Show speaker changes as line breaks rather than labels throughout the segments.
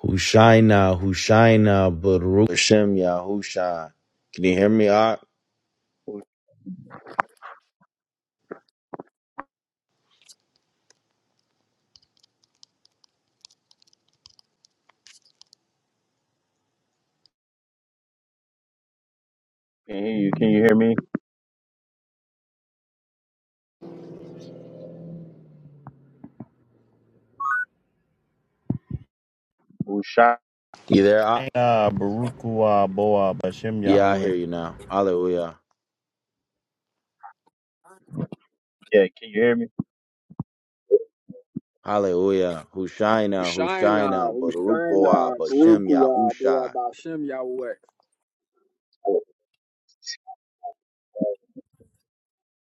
Hushaina, Hushaina, Baruch Hashem, Yahusha. Can you hear me, Ak?
Can hear you. Can you hear me? Ushai.
You there, Ak?
Ah, Baruch Hu Boa Bashem
Yeah, I
Yahweh.
hear you now. Hallelujah.
Yeah, can you hear me?
Hallelujah. Hushaina,
Ushaina,
Hushaina, Baruch Boa,
Ushaina,
Bashem,
Barukua, Boa
Yahusha.
Bashem Yahweh.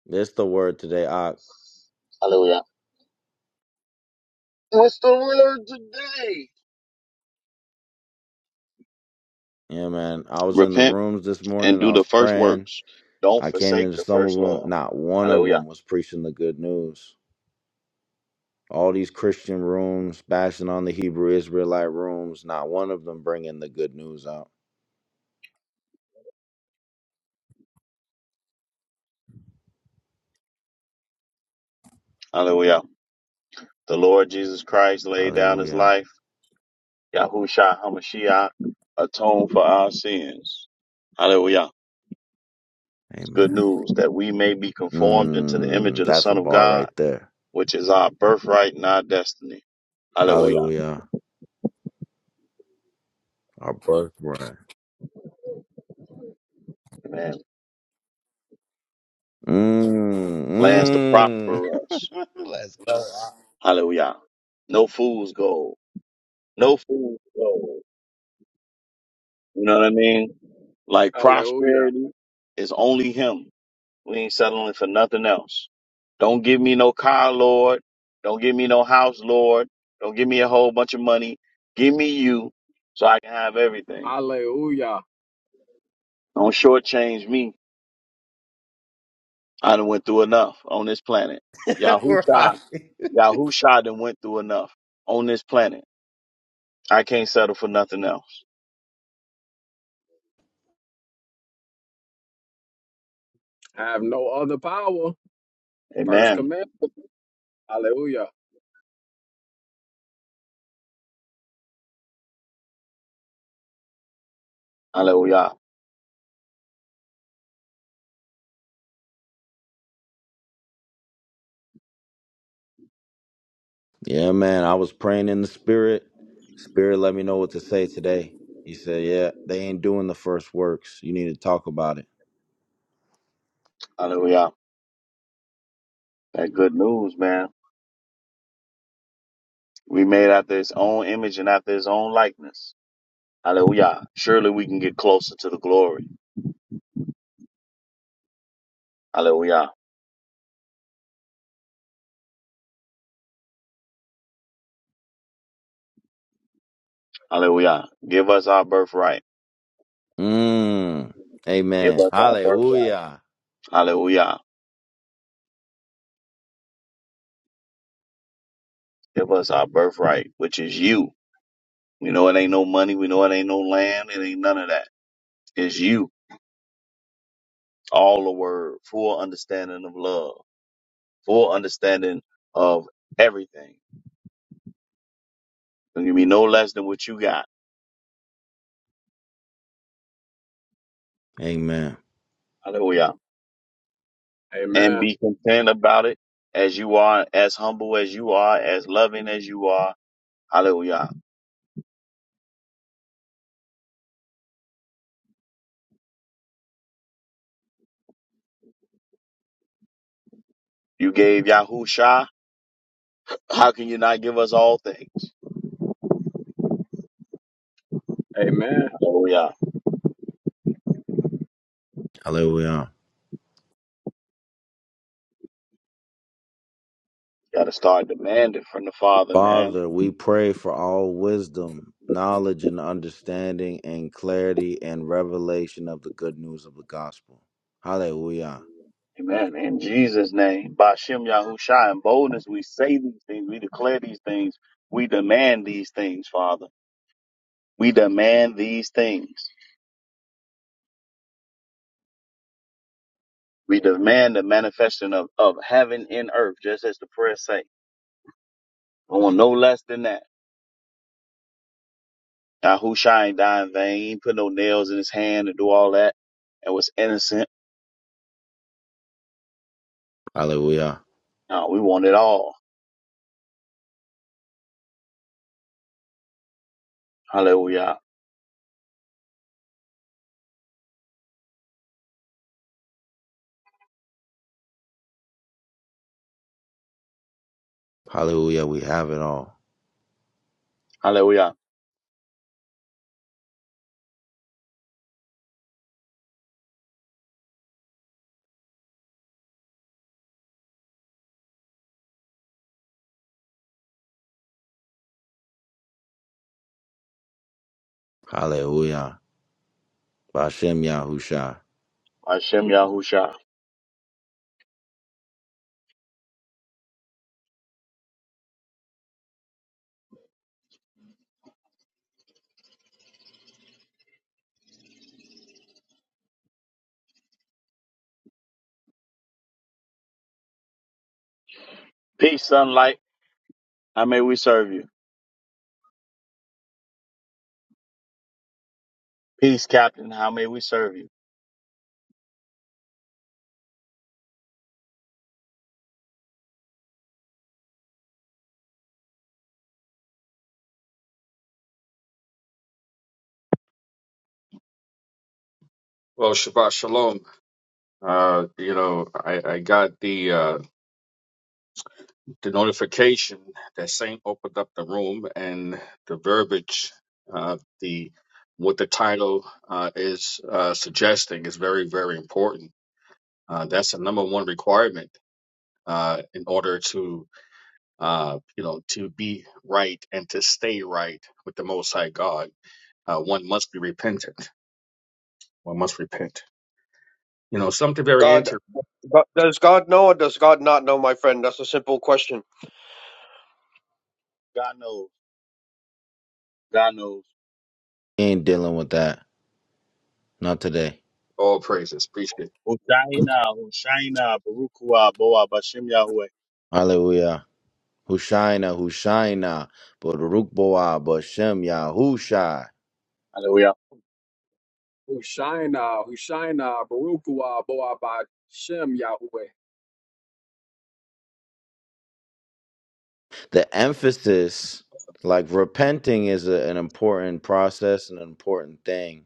This the word today, Ak.
Hallelujah. What's the word today?
Yeah, man. I was in the
Repent
rooms this
and
morning.
do
I
the
was
first
praying.
works. Don't
I came
forsake
into
the
some of
first
them.
love.
Not one of
Hallelujah.
them was preaching the good news. All these Christian rooms, bashing on the Hebrew Israelite rooms, not one of them bringing the good news out.
Hallelujah. The Lord Jesus Christ laid down his
Hallelujah.
life. Yahusha Hamashiach atoned for our sins. Hallelujah. It's good
Amen.
news that we may be conformed into the image
Mm,
of the
that's a
Son of
bar
God.
right there.
which is our birthright and our destiny. Hallelujah.
Hallelujah. Our birthright.
Amen.
Mm,
Plans to
mm.
prosper us.
Let's go.
Hallelujah. No fool's gold. No fool's gold. You know what I mean? Like
Hallelujah.
prosperity is only him. We ain't settling for nothing else. Don't give me no car, Lord. Don't give me no house, Lord. Don't give me a whole bunch of money. Give me you so I can have everything.
Hallelujah.
Don't shortchange me. I done went through enough on this planet. Yahusha
right.
Yahusha done went through enough on this planet. I can't settle for nothing else.
I have no other power. First
Amen.
command. Hallelujah.
Hallelujah.
Yeah, man. I was praying in the spirit. Spirit let me know what to say today. He said, Yeah, they ain't doing the first works. You need to talk about it.
Hallelujah. That good news, man. We made after his own image and after his own likeness. Hallelujah. Surely we can get closer to the glory. Hallelujah. Hallelujah. Give us our birthright.
Mm.
Give
Amen.
us our birthright.
Hallelujah.
Hallelujah. Give us our birthright, which is you. We know it ain't no money. We know it ain't no land. It ain't none of that. It's you. All the word, full understanding of love. full understanding of everything. Don't give me no less than what you got.
Amen.
Hallelujah. And
Amen.
be content about it as you are, as humble as you are, as loving as you are. Hallelujah. You gave Yahusha. How can you not give us all things?
Amen.
Hallelujah.
Hallelujah.
You Got to start demanding from the Father, man.
Father, we pray for all wisdom, knowledge, and understanding, and clarity and revelation of the good news of the gospel. Hallelujah.
Amen. In Jesus' name, Bashem Yahusha, in boldness, we say these things. We declare these things. We demand these things, Father. We demand these things. We demand the manifestation of, of heaven in earth, just as the prayer say. I want no less than that. Yahusha ain't die in vain. He ain't put no nails in his hand and do all that and was innocent.
Hallelujah.
No, we want it all. Hallelujah.
Hallelujah. We have it all.
Hallelujah.
Hallelujah. Bashem Yahusha.
Hashem Yahusha. Peace, sunlight. How may we serve you? Peace, Captain. How may we serve you?
Well, Shabbat Shalom. Uh, you know, I, I got the uh, the notification that Saint opened up the room, and the verbiage, uh, the what the title uh, is uh, suggesting is very, very important. Uh, that's the number one requirement uh, in order to, uh, you know, to be right and to stay right with the Most High God. Uh, one must be repentant. One must repent. You know, something very
God,
interesting.
God, does God know or does God not know, my friend? That's a simple question.
God knows. God knows.
He ain't dealing with that. Not today.
All praises. Appreciate it.
Hoshaina, Hoshaina, Barukua, Boa, Bashem Yahweh.
Hallelujah. Hushaina, Hushaina, Baruch Boa, Bashem Yahusha.
Hallelujah.
Ushaina, Ushaina, Barukua, Boa Bashem Yahweh.
the emphasis like repenting is a, an important process and an important thing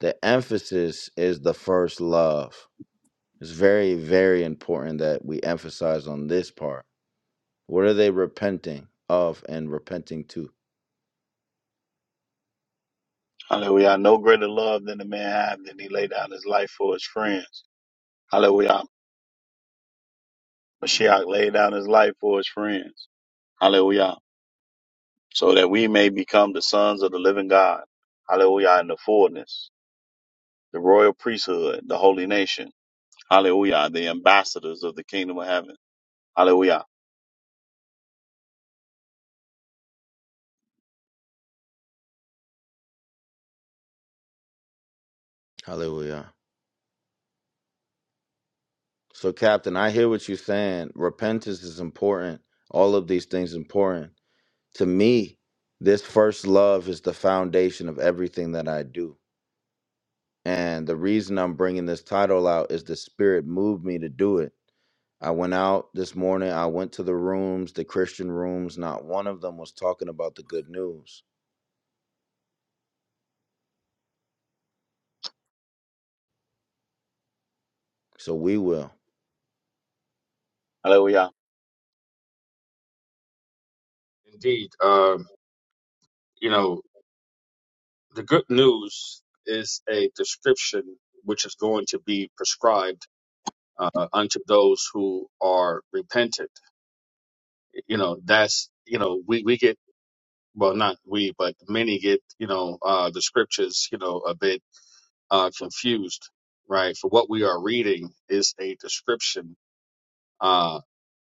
the emphasis is the first love it's very very important that we emphasize on this part what are they repenting of and repenting to
Hallelujah. No greater love than a man have than he lay down his life for his friends. Hallelujah. Mashiach laid down his life for his friends. Hallelujah. So that we may become the sons of the living God. Hallelujah. In the fullness, the royal priesthood, the holy nation. Hallelujah. The ambassadors of the kingdom of heaven. Hallelujah.
hallelujah so captain i hear what you're saying repentance is important all of these things important to me this first love is the foundation of everything that i do And the reason I'm bringing this title out is the Spirit moved me to do it. I went out this morning, I went to the rooms, the Christian rooms, not one of them was talking about the good news. So we will.
Hallelujah.
Indeed. Um, you know, the good news is a description which is going to be prescribed uh, unto those who are repentant. You know, that's, you know, we, we get, well, not we, but many get, you know, uh, the scriptures, you know, a bit. uh, confused, right? For what we are reading is a description uh,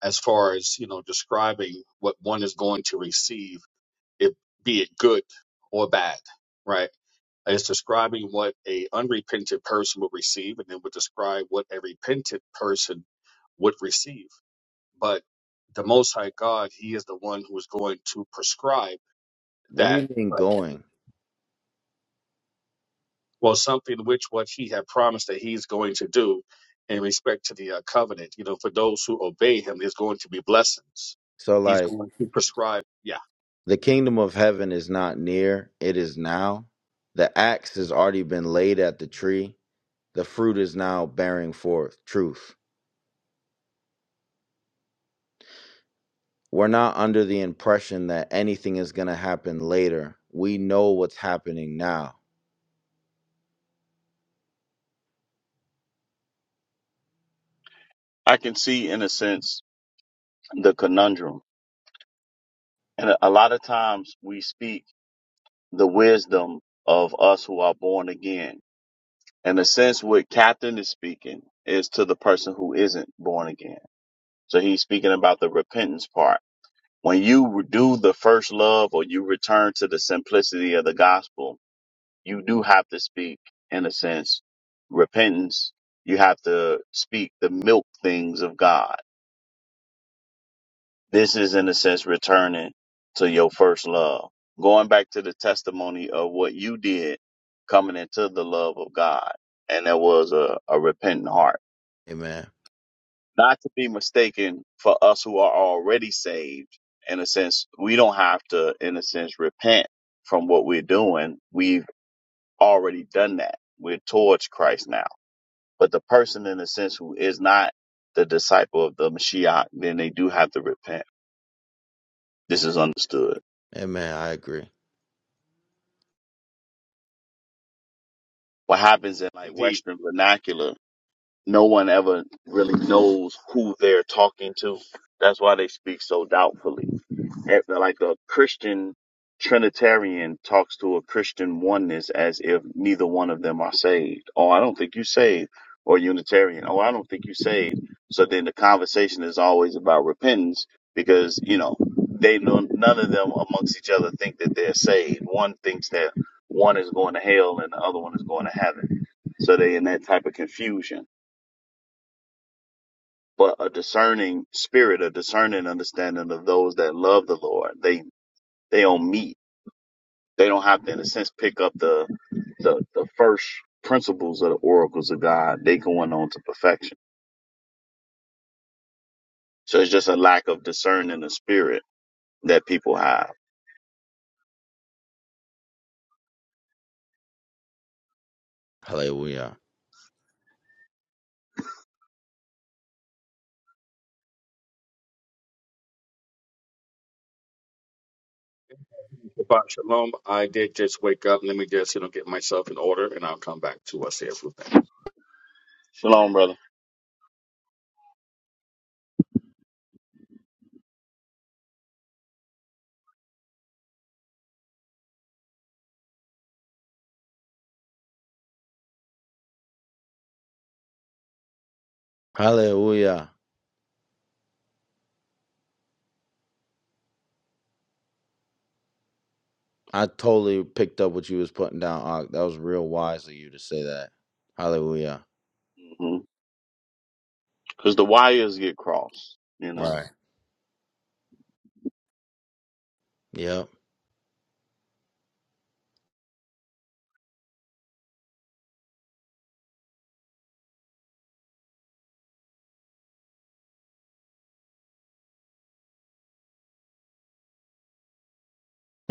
as far as you know describing what one is going to receive, it, be it good or bad, right? It's describing what a unrepentant person would receive, and then would describe what a repentant person would receive. But the Most High God, He is the one who is going to prescribe
What do you
that.
mean going?
well, something which what he had promised that he's going to do in respect to the uh, covenant. You know, for those who obey him, there's going to be blessings.
So,
He's
like,
going to prescribe. Yeah,
the kingdom of heaven is not near, it is now. The axe has already been laid at the tree, the fruit is now bearing forth truth. We're not under the impression that anything is going to happen later. We know what's happening now.
I can see, in a sense, the conundrum. And a a lot of times we speak the wisdom of us who are born again. In a sense, what Captain is speaking is to the person who isn't born again. So he's speaking about the repentance part. When you do the first love or you return to the simplicity of the gospel, you do have to speak, in a sense, repentance. You have to speak the milk things of God. This is, in a sense, returning to your first love. Going back to the testimony of what you did coming into the love of God. And there was a, a repentant heart.
Amen.
not to be mistaken for us who are already saved. In a sense, we don't have to, in a sense, repent from what we're doing. We've already done that. We're towards Christ now. But the person, in a sense, who is not the disciple of the Mashiach, then they do have to repent. This is understood.
Amen. I agree.
What happens in like
indeed.
Western vernacular, no one ever really knows who they're talking to. That's why they speak so doubtfully at- like a Christian Trinitarian talks to a Christian oneness as if neither one of them are saved. Oh, I don't think you saved. Or Unitarian. Oh, I don't think you saved. So then the conversation is always about repentance because, you know, they know none of them amongst each other think that they're saved. One thinks that one is going to hell and the other one is going to heaven. So they in that type of confusion. But a discerning spirit, a discerning understanding of those that love the Lord, they they don't meet They don't have to, in a sense, pick up the the, the first principles of the oracles of God. They going on to perfection. So it's just a lack of discerning the spirit that people have.
Hallelujah.
Shabbat shalom. I did just wake up. Let me just, you know, get myself in order and I'll come back to us here.
Shalom, brother.
Hallelujah. I totally picked up what you was putting down, Ak. That was real wise of you to say that. Hallelujah.
Because the wires get crossed, you know.
Right. Yep.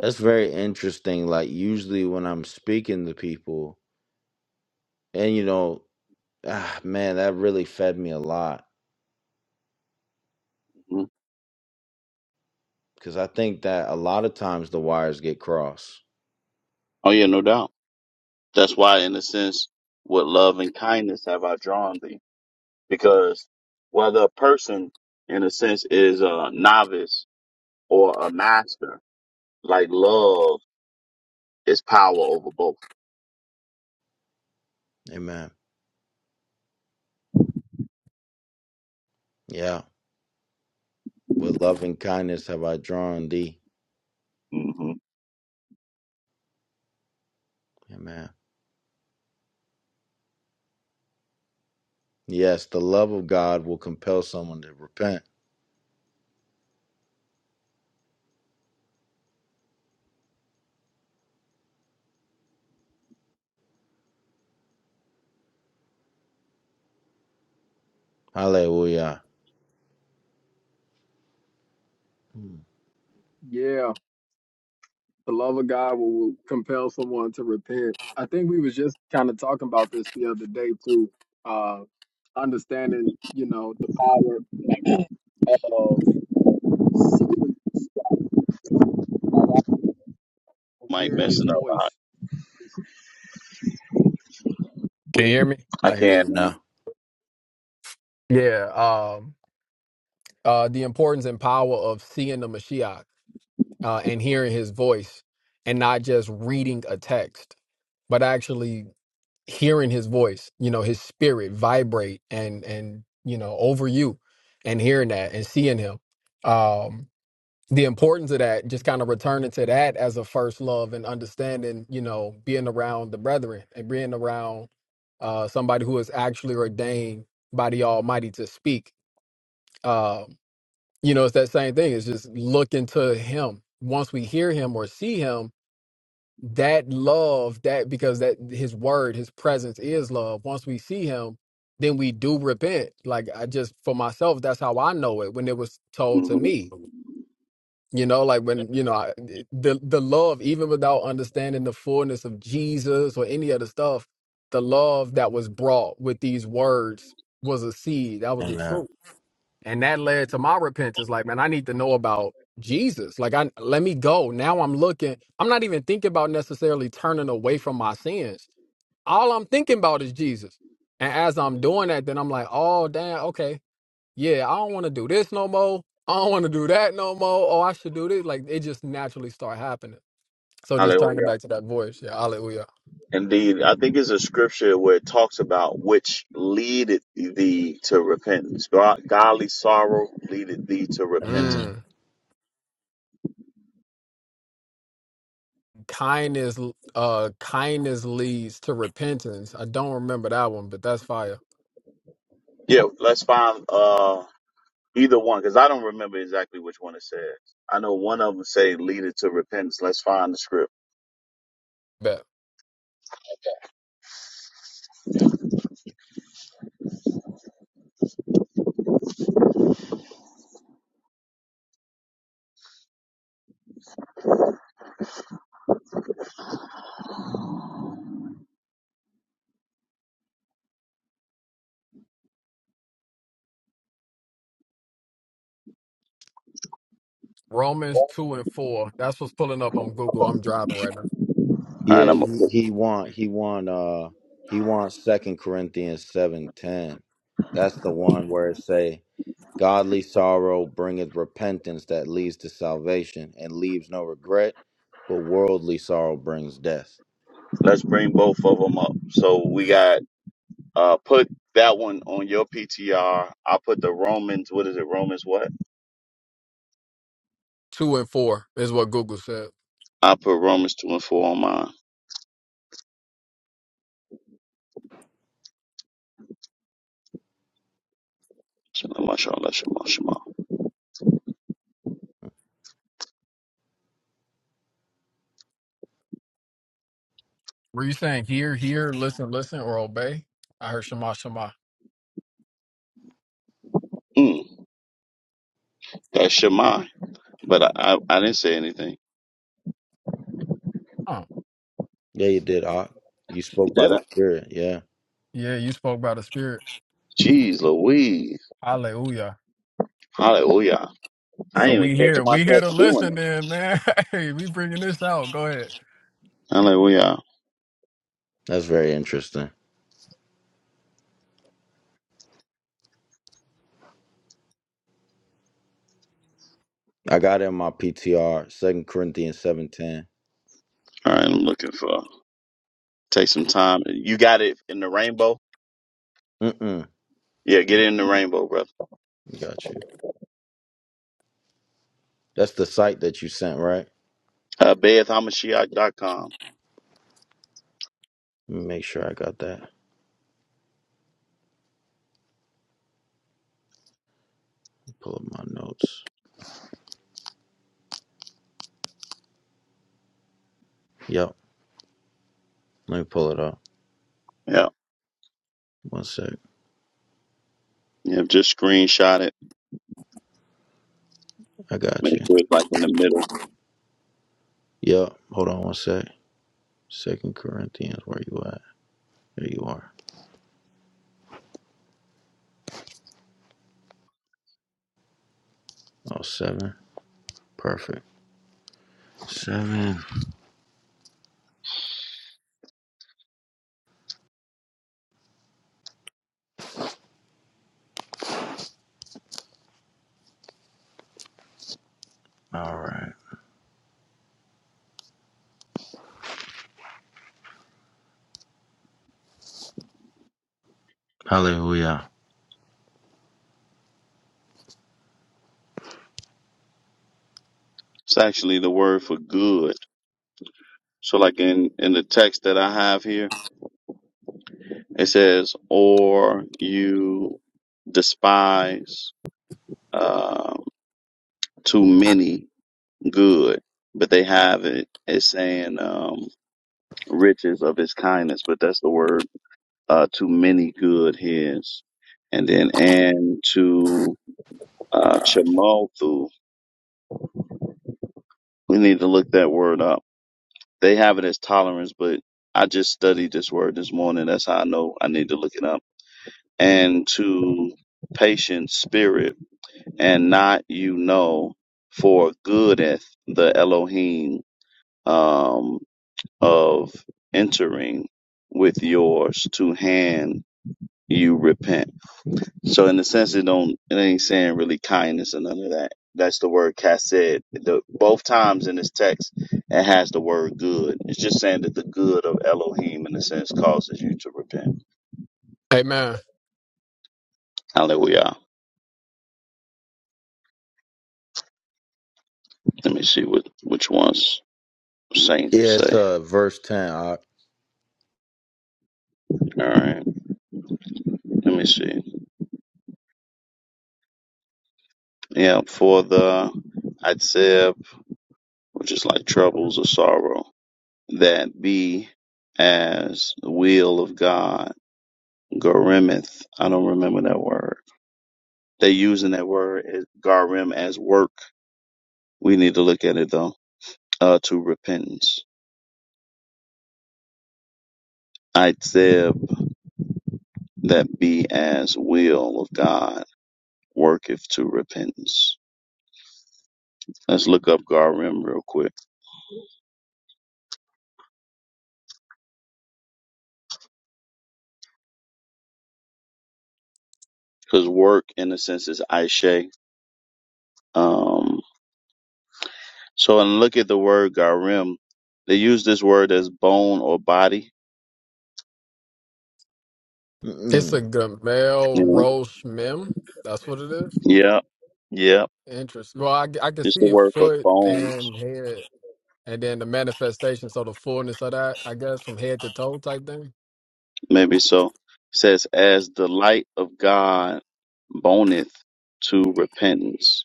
That's very interesting. Like usually when I'm speaking to people, and you know, ah, man, that really fed me a lot
Mhm.
because I think that a lot of times the wires get crossed.
Oh yeah, no doubt. That's why, in a sense, with love and kindness have I drawn thee. Because whether a person, in a sense, is a novice or a master, like love is power over both.
Amen. Yeah. With love and kindness have I drawn thee.
hmm
Amen. Yes, the love of God will compel someone to repent. Hallelujah. Hmm.
Yeah. The love of God will compel someone to repent. I think we was just kind of talking about this the other day too. Uh understanding, you know, the power of sin Like I was
might
hearing his
messing up.
voice.
I,
Can you hear me?
I
I hear
can't.
you now.
Yeah. Um, uh, the importance and power of seeing the Mashiach uh, and hearing his voice and not just reading a text, but actually hearing his voice, you know, his spirit vibrate and, and, you know, over you and hearing that and seeing him. Um, the importance of that, just kind of returning to that as a first love and understanding, you know, being around the brethren and being around uh, somebody who is actually ordained by the Almighty to speak. Uh, you know, it's that same thing. It's just looking to Him. Once we hear Him or see Him, that love, that because that His word, His presence is love. Once we see Him, then we do repent. Like I just for myself, that's how I know it when it was told to
hmm
me you know, like when you know I, the the love, even without understanding the fullness of Jesus or any other stuff, the love that was brought with these words was a seed. That was the
Amen.
truth, and that led to my repentance. Like, man, I need to know about Jesus. Like, I let me go. Now I'm looking. I'm not even thinking about necessarily turning away from my sins. All I'm thinking about is Jesus. And as I'm doing that, then I'm like, oh damn, okay yeah, I don't want to do this no more. I don't want to do that no more. Oh, I should do this. Like it just naturally start happening. So just turning it
Hallelujah.
back to that voice. Yeah, hallelujah.
Indeed, I think it's a scripture where it talks about which leadeth thee to repentance. God, godly sorrow leadeth thee to repentance.
Amen.
Mm. Kindness, uh, kindness leads to repentance. I don't remember that one, but that's fire.
Yeah, let's find uh either one because I don't remember exactly which one it says. I know one of them say leadeth to repentance. Let's find the script.
Bet. Romans two and four. That's what's pulling up on Google. I'm driving right now.
All right,
Yeah,
I'm
he, he want he want uh he wants Second Corinthians seven ten. That's the one where it say godly sorrow bringeth repentance that leads to salvation and leaves no regret, but worldly sorrow brings death.
let's bring both of them up. So we
Amen.
got uh put that one on your PTR. I put the Romans. What is it? Romans what?
Two and four is what Google said.
I put Romans 2 and 4 on mine. Shema, Shema, Shema, Shema.
Were you saying hear, hear, listen, listen, or obey? I heard Shema, Shema.
Mm, that's Shema. But I, I, I didn't say anything.
Oh,
Yeah, you did. I, you spoke by
Did
the
I?
Spirit. Yeah,
yeah, you spoke by the Spirit.
Jeez Louise.
Hallelujah.
Hallelujah. I
So
didn't even
we
catch
here, we here
myself
to
doing
listen then, man. Hey, we bringing this out. Go ahead.
it. Hallelujah.
that's very interesting. I got it in my PTR Second Corinthians seven ten.
All right, I'm looking for. Take some time. You got it in the rainbow?
Mm mm.
Yeah, get it in the rainbow, brother.
Got you. That's the site that you sent, right?
Uh, Beth Hamashiach dot com.
Make sure I got that. Pull up my notes. Yep. Let me pull it up.
Yeah.
One sec.
Yeah, just screenshot it.
I got
Make
you.
sure it's like in the middle.
Yep. Hold on one sec. Second Corinthians, where you at? There you are. Oh, seven. Perfect. Seven. All right. Hallelujah.
It's actually the word for good. So like in, in the text that I have here, It says, or you despise um, too many good, but they have it. It's saying um, riches of his kindness, but that's the word uh, too many good his. And then, and to uh, chamothu, we need to look that word up. They have it as tolerance, but I just studied this word this morning. That's how I know I need to look it up. And to patient spirit and not you know for goodeth the Elohim um, of entering with yours to hand you repent. So in the sense it don't it ain't saying really kindness or none of that. That's the word kased. The both times in this text it has the word good. It's just saying that the good of Elohim in a sense causes you to repent.
Hey man,
Hallelujah. Let me see what which ones
Yeah,
saints
it's
say.
uh, verse 10. Uh,
All right. Let me see. Yeah, for the Atzeb, which is like troubles or sorrow, that be as the will of God, garimeth. I don't remember that word. They're using that word as garim as work. We need to look at it though. Uh, to repentance. Atzeb, that be as will of God, worketh to repentance. Let's look up garim real quick. Cause work in a sense is aishe. Um, So, and look at the word garim. They use this word as bone or body.
it's a
mm-mm.
Gamel
Yeah.
Roche Mem. That's what it is.
Yeah. Yeah.
Interesting. Well, I, I can
It's the
see
word for
foot
bones.
and head, and then the manifestation. So the fullness of that, I guess, from head to toe type thing.
Maybe so. says, as the light of God boneth to repentance.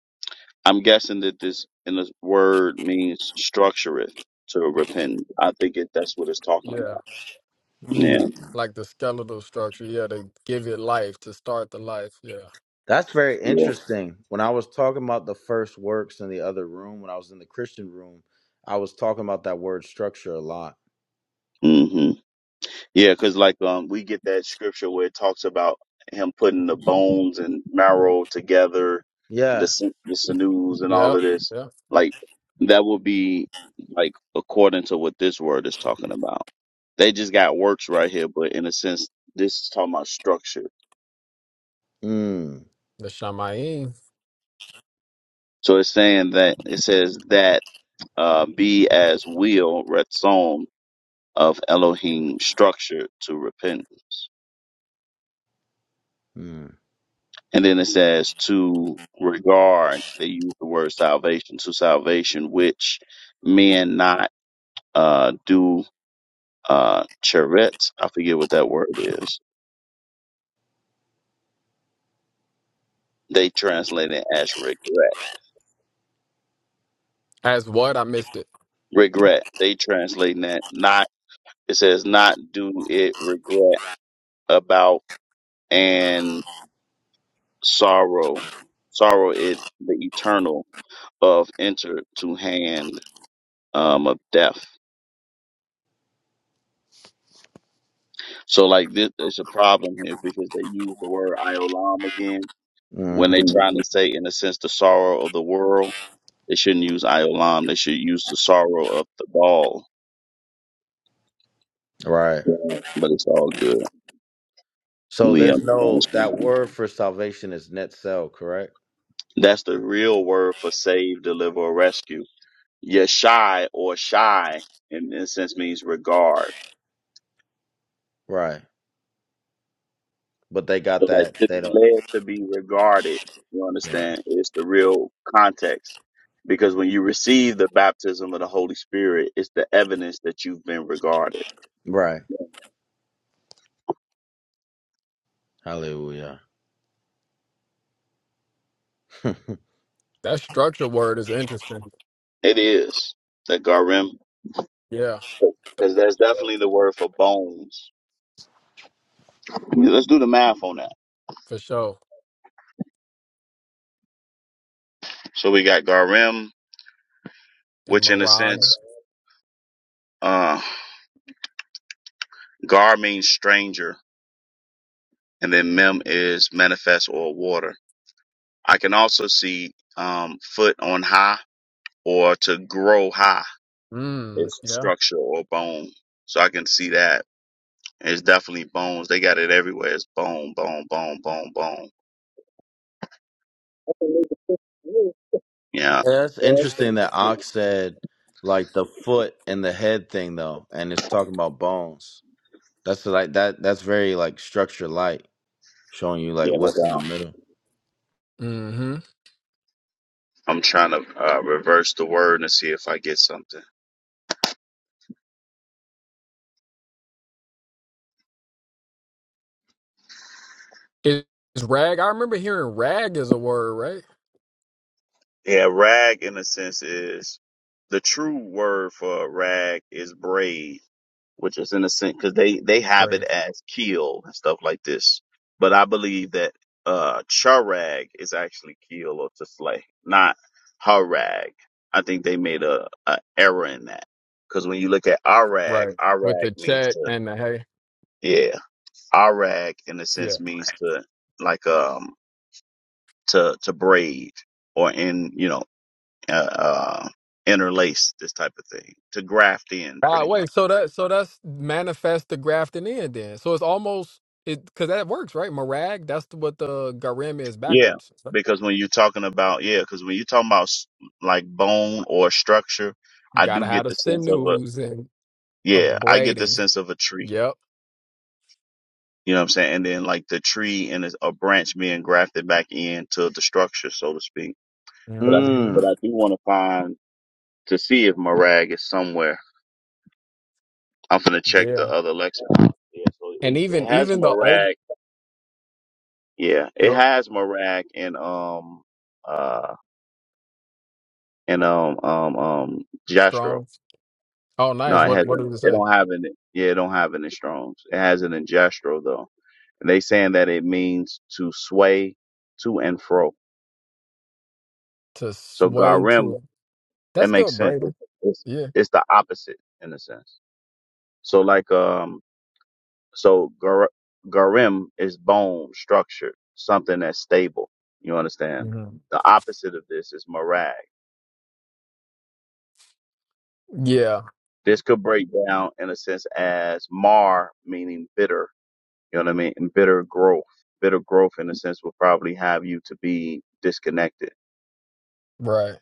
I'm guessing that this in this word means structureth to repent. I think it, that's what it's talking
Yeah,
about. Yeah.
Mm.
like the skeletal structure. Yeah, to give it life, to start the life. Yeah,
That's very
Yeah.
interesting. When I was talking about the first works in the other room, when I was in the Christian room, I was talking about that word structure a lot.
Mm-hmm. Yeah, because like um, we get that scripture where it talks about him putting the bones and marrow together,
Yeah.
the sin- the sinews and all
yeah,
of this.
yeah.
Like that would be like according to what this word is talking about. They just got works right here, but in a sense, this is talking about structure.
Mm.
The shamayim.
So it's saying that it says that uh, be as will retzon of Elohim structure to repentance.
Mm.
And then it says to regard, they use the word salvation, to salvation, which men not uh, do uh, cheret. I forget what that word is. They translate it as regret.
As what? I missed it.
Regret. They translate that not, it says not do it regret about and sorrow. Sorrow it, the eternal of enter to hand um, of death. So like this, it's a problem here because they use the word Iolam again when
hmm
they trying to say, in a sense, the sorrow of the world. They shouldn't use Iolam. They should use the sorrow of the ball.
Right.
Yeah, But it's all good.
So
We
there's
understand
no
what's going
that
on.
word for salvation is net sell, correct?
That's the real word for save, deliver, or rescue. Yeshai or shy in a sense means regard.
Right. But they got
But like
that
to
they
be
don't
led to be regarded, you
right.
understand, is the real context. Because when you receive the baptism of the Holy Spirit, it's the evidence that you've been regarded.
Right. Hallelujah.
That structure word is interesting.
It is the garim,
Yeah,
because that's definitely the word for bones. Yeah, Let's do the math on that.
for sure.
So we got garim,
and
which in a
Marag.
sense, uh, gar means stranger, and then mem is manifest or water. I can also see um, foot on high or to grow high.
Mm,
It's
yeah.
structure or bone. So I can see that. And it's definitely bones. They got it everywhere. It's bone, bone, bone, bone, bone. Yeah.
Yeah, That's interesting that Ox said like the foot and the head thing though, and it's talking about bones. That's like that that's very like structure light, showing you like
Yeah, no
what's in the
doubt.
middle.
Mm-hmm.
I'm trying to uh, reverse the word and see if I get something.
Is, is rag? I remember hearing rag is a word, right?
Yeah, rag in a sense is the true word for rag is braid. which is in a sense because they they have it
Right.
as keel and stuff like this. But I believe that uh charag is actually keel or to slay, not harag. I think they made a, a error in that because when you look at arag,
Right. With
arag
the
means
check
to
and the hey.
yeah, arag in a
Yeah.
sense means to like um to to braid or in you know uh, uh interlace this type of thing to graft in
Ah,
pretty much.
wait. So that so that's manifest the grafting in then. So it's almost it because that works, right? Marag. That's the- what the garim is
Yeah,
backwards. So
because when you're talking about yeah, because when you're talking about s- like bone or structure,
You
I
gotta
do
have
get
the
the sense of a
sinews and a
yeah, I get the
braiding.
sense of a tree.
Yep.
You know what I'm saying? And then like the tree and a a branch being grafted back into the structure, so to speak. But I
Mm-hmm.
but
Mm.
I do want to find to see if Morag is somewhere. I'm gonna check the
Yeah.
other lexicon. Yeah, so
And
it, it
even
has
even the old
Morag. Yeah, it
the
has Morag and um uh and um um um Jastro.
strong. Oh,
No,
nice.
it
What what
hasn't.
did it
It
say?
don't have it. Yeah, it don't have it in Strong's. It has it in Gestro though. And they saying that it means to sway to and fro.
To
So
sway
garim,
to.
that
That's still
makes sense.
Braden.
It's, it's,
Yeah.
it's the opposite in a sense. So like um, so gar, garim is bone structure, something that's stable. You understand?
Mhm.
The opposite of this is marag.
Yeah.
This could break down in a sense as mar, meaning bitter, You know what I mean? And bitter growth. Bitter growth in a sense will probably have you to be disconnected.
Right.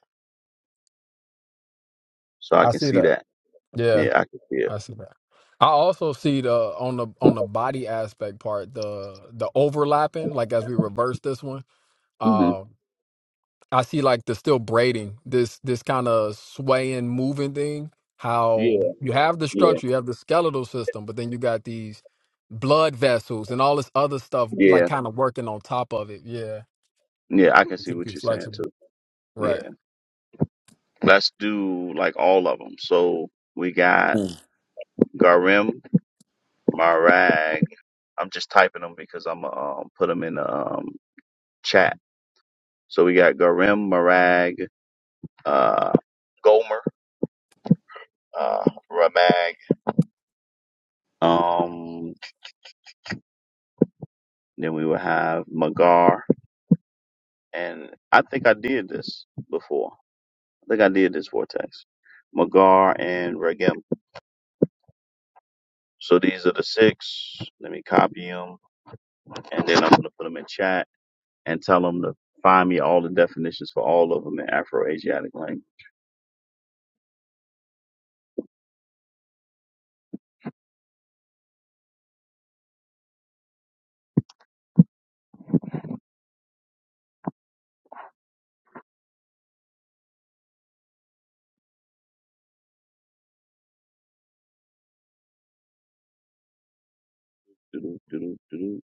So I
I
can
see
see
that.
that.
Yeah.
Yeah, I can see it.
I see that. I also see the on the on the body aspect part the the overlapping like as we reverse this one.
hmm
Um, I see like the still braiding this this kind of swaying moving thing. How
Yeah,
you have the
yeah,
structure, you have the skeletal system, but then you got these blood vessels and all this other stuff like
yeah,
kind of working on top of it. Yeah,
yeah. I can
to
see
keep
what
you
you're saying
flexible.
too.
Right.
Yeah. Let's do like all of them. So we got
Mm.
Garim, Marag. I'm just typing them because I'm going um, put them in the um, chat. So we got Garim, Marag, uh, Gomer, uh, Ramag. Um, then we will have Magar. and I think I did this before. I think I did this vortex, Magar and Regem. So these are the six. Let me copy them, and then I'm gonna put them in chat and tell them to find me all the definitions for all of them in Afro-Asiatic language. Doo-doo, doo-doo, doo-doo.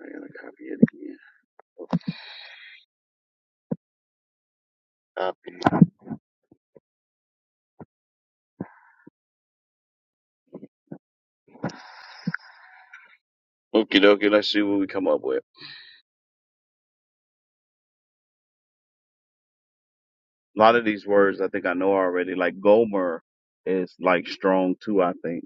I gotta copy it again. Copy. Okie dokie. Let's see what we come up with. A lot of these words I think I know already. Like Gomer is like strong too. I think.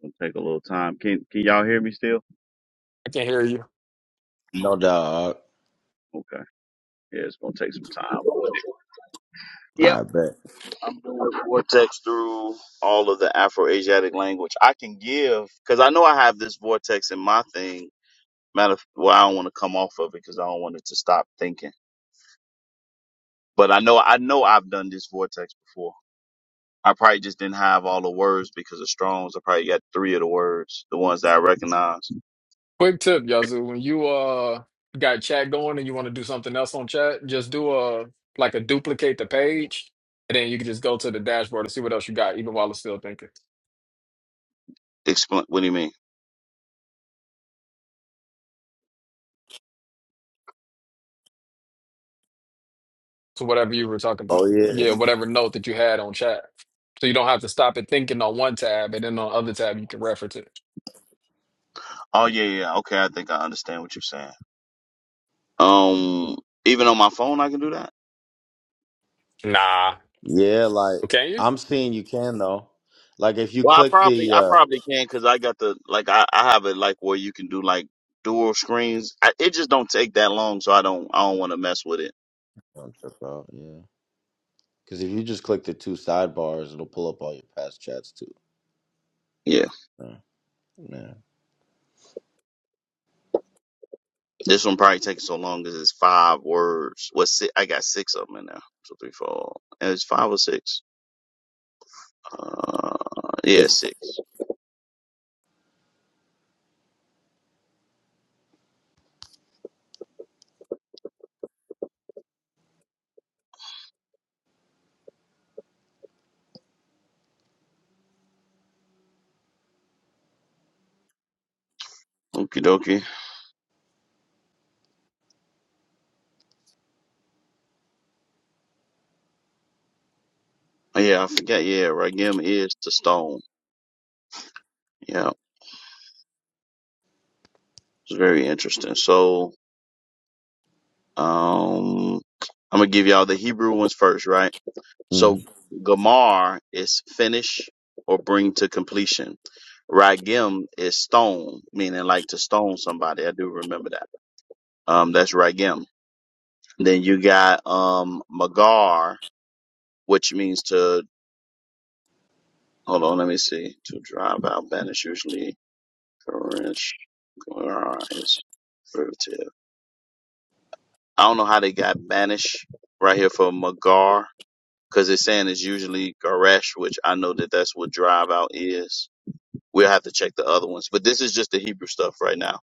Gonna take a little time. Can can y'all hear me still?
I can hear you.
No doubt.
Okay. Yeah, it's gonna take some time. Yep.
I bet.
I'm doing vortex through all of the Afro Asiatic language. I can give because I know I have this vortex in my thing. Matter of well, I don't want to come off of it because I don't want it to stop thinking. But I know I know I've done this vortex before. I probably just didn't have all the words because of Strong's. I probably got three of the words, the ones that I recognize.
Quick tip, Yazoo, when you uh got chat going and you want to do something else on chat, just do a like a duplicate the page and then you can just go to the dashboard and see what else you got, even while it's still thinking.
Explain. What do you mean?
So whatever you were talking
Oh
about. Yeah,
yeah.
whatever note that you had on chat. So you don't have to stop it thinking on one tab and then on other tab you can reference it.
Oh yeah, yeah. yeah. Okay, I think I understand what you're saying. Um, even on my phone, I can do that.
Nah.
Yeah, like
well, Can you?
I'm seeing you can though. Like if you
Well, I
click
probably,
the
I
uh
probably can because I got the like, I, I have it like where you can do like dual screens. I, it just don't take that long, so I don't, I don't want to mess with it.
I'm tripping out, yeah. Because if you just click the two sidebars, it'll pull up all your past chats too.
Yeah,
Uh, Yeah.
this one probably takes so long because it's five words. What six? I got six of them in there. So three, four, and it's five or six. Uh,
Like,
yeah, six. Okie dokie. Oh, Yeah, I forget. Yeah, Ragim is the stone. Yeah, it's very interesting. So, um, I'm gonna give y'all the Hebrew ones first, right? So
mhm.
gamar is finish or bring to completion. Ragim is stone, meaning like to stone somebody. I do remember that. Um, that's ragim. Then you got um magar, which means to hold on. Let me see. To drive out, banish usually Koresh Magar is derivative. I don't know how they got banish right here for magar because it's saying it's usually garesh, which I know that that's what drive out is We'll have to check the other ones, but this is just the Hebrew stuff right now.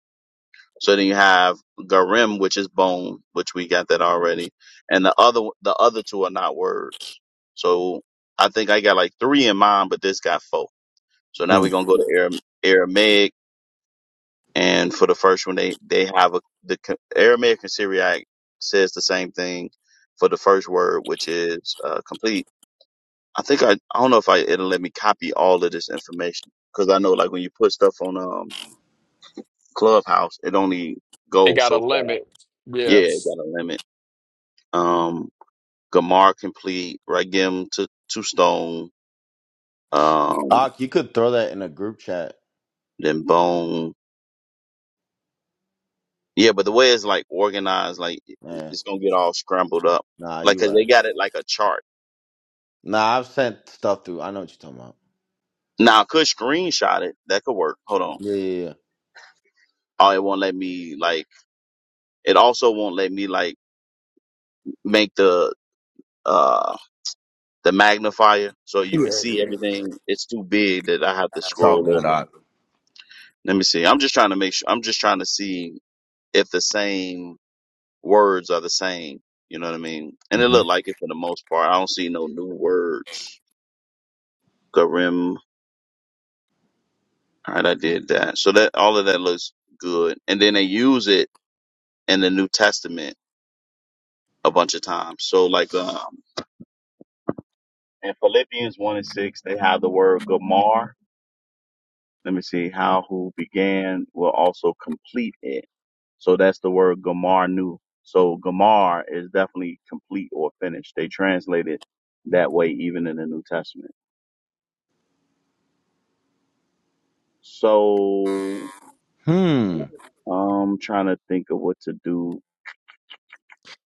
So then you have garim, which is bone, which we got that already, and the other the other two are not words. So I think I got like three in mind, but this got four. So now we're
Mm.
gonna go to Aram- Aramaic, and for the first one, they they have a the co- Aramaic and Syriac says the same thing for the first word, which is uh, complete. I think I I don't know if I it'll let me copy all of this information because I know like when you put stuff on um Clubhouse, it only
It
goes
got a
so far.
limit.
Yeah,
Yeah.
it got a limit. Um, Gamar complete, Regim to two Stone, um,
Ak, you could throw that in a group chat.
then Bone. Yeah, but the way it's like organized, like it-
Man,
it's gonna get all scrambled up,
nah,
like
you
'cause
right.
they got it like a chart.
Nah, I've sent stuff through. I know what you're talking about.
Now I could screenshot it. That could work. Hold on.
Yeah, yeah,
Oh, it won't let me like. It also won't let me like make the uh the magnifier so
yeah.
you can see
Yeah, yeah.
everything. It's too big that I have to
It's all
scroll
good,
over.
Ak.
Let me see. I'm just trying to make sure. I'm just trying to see if the same words are the same. You know what I mean? And it
hmm
looked like it for the most part. I don't see no new words. Karim. All right, I did that. So that all of that looks good. And then they use it in the New Testament a bunch of times. So like um in Philippians one and six, they have the word Gamar. Let me see. How who began will also complete it. So that's the word gamar new. So gamar is definitely complete or finished. They translate it that way even in the New Testament. So
Hmm.
I'm trying to think of what to do.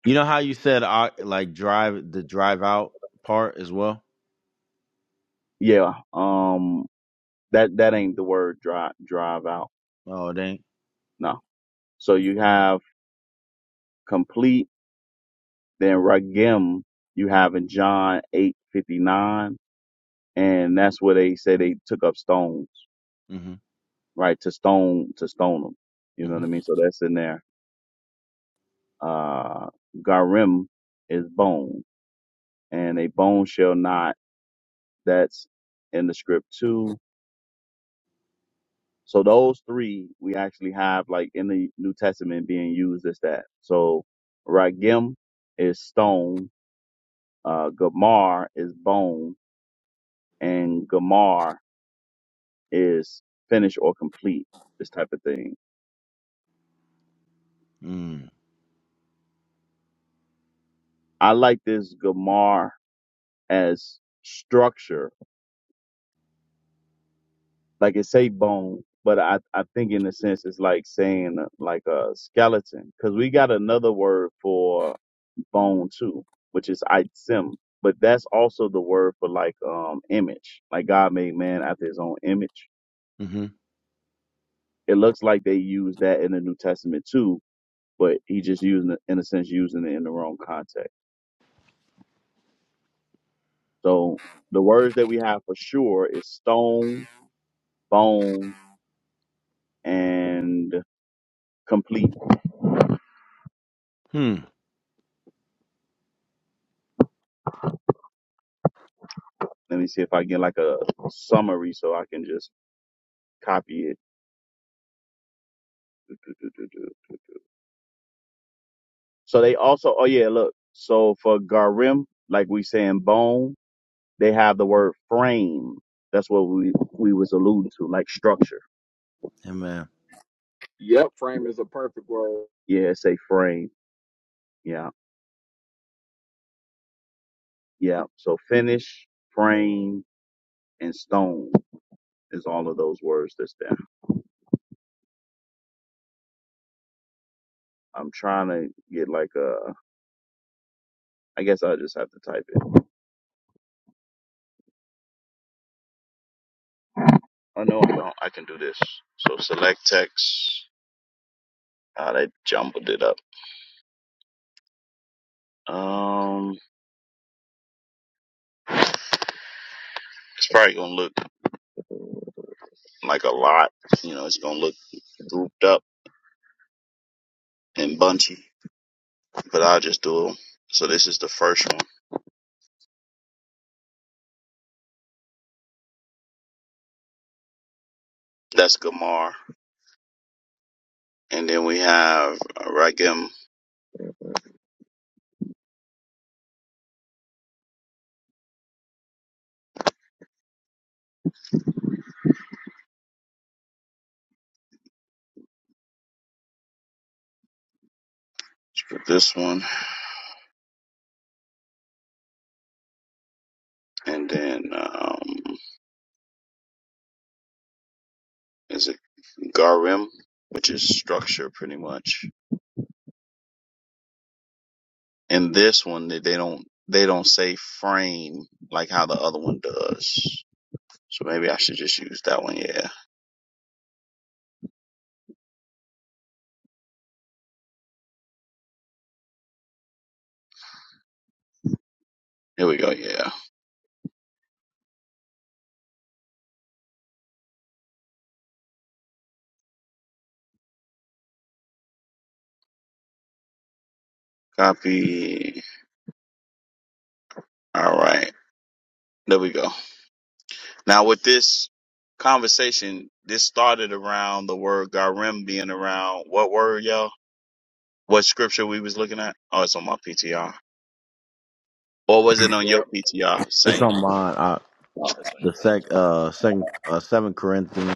You know how you said Ak, like drive the drive out part as well?
Yeah, um that that ain't the word drive drive out.
Oh, it ain't.
No. So you have complete, then ragim you have in John eight fifty nine, and that's where they say they took up stones.
Mm-hmm.
right? To stone to stone them. You know
Mm-hmm.
what I mean? So that's in there. Uh Garim is bone. And a bone shall not that's in the script too. So those three we actually have like in the New Testament being used as that. So Ragim is stone, uh Gamar is bone, and Gamar is finish or complete, this type of thing.
Mm-hmm.
I like this Gamar as structure like it say bone, but I, I think in a sense it's like saying uh, like a skeleton because we got another word for bone too, which is itzim, but that's also the word for like um image. Like God made man after His own image.
Mm-hmm.
It looks like they use that in the New Testament too, but He just using it in a sense using it in the wrong context. So the words that we have for sure is stone, bone, and complete.
Hmm.
Let me see if I get like a summary so I can just copy it. Do, do, do, do, do, do, do. So they also, oh yeah, look. So for garim, like we saying bone, they have the word frame. That's what we we was alluding to, like structure.
Yeah, man.
Yep, frame is a perfect word.
Yeah, say frame. Yeah, yeah. So finish, frame, and stone is all of those words that's there. I'm trying to get like a. I guess I just have to type it. Oh no, I don't. I can do this. So select text. Ah, they jumbled it up. Um, it's probably gonna look like a lot. You know, it's gonna look grouped up and bunchy, but I'll just do them. So this is the first one. That's Gamar, and then we have uh, Ragim for this one, and then um, is it Garim, which is structure pretty much. In this one, they they don't they don't say frame like how the other one does. So maybe I should just use that one. Yeah. Here we go. Yeah. Copy. All right. There we go. Now with this conversation, this started around the word garim being around what word, y'all? What scripture we was looking at? Oh, it's on my PTR. Or was it on
Yep.
your PTR,
It's
Saint?
on mine. Ak.
Oh, it's on
the
yours.
sec, uh, second, uh, seven Corinthians.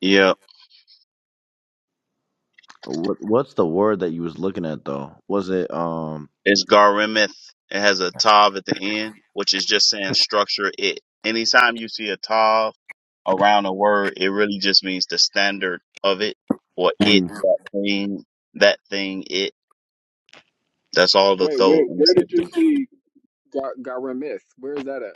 Yeah.
What what's the word that you was looking at though? Was it um
It's garimith. It has a tav at the end, which is just saying structure it. Anytime you see a tav around a word, it really just means the standard of it or it,
Mm.
that thing, that thing, it. That's all the
Wait,
thought. in a sense do.
got got remiss. Where is that at?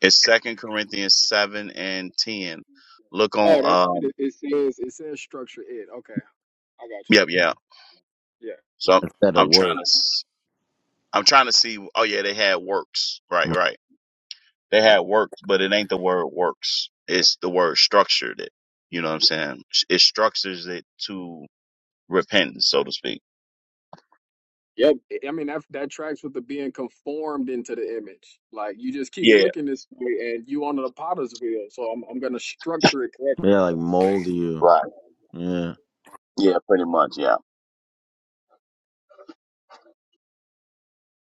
It's Second Corinthians seven and ten. Look
Oh,
on.
that's what
Um.
it, it says. It says structure it. Okay, I got you.
Yep. Yeah.
Yeah.
So I'm,
instead of
I'm trying
work?
to. s- I'm trying to see. Oh yeah, they had works. Right. Right. They had works, but it ain't the word works. It's the word structured. It. You know what I'm saying? It structures it to repentance, so to speak.
Yep. I I mean that that tracks with the being conformed into the image. Like you just keep
Yeah.
looking this way, and you under the potter's wheel. So I'm I'm gonna structure it correctly.
Yeah, like mold you.
Right.
Yeah.
Yeah. Pretty much. Yeah.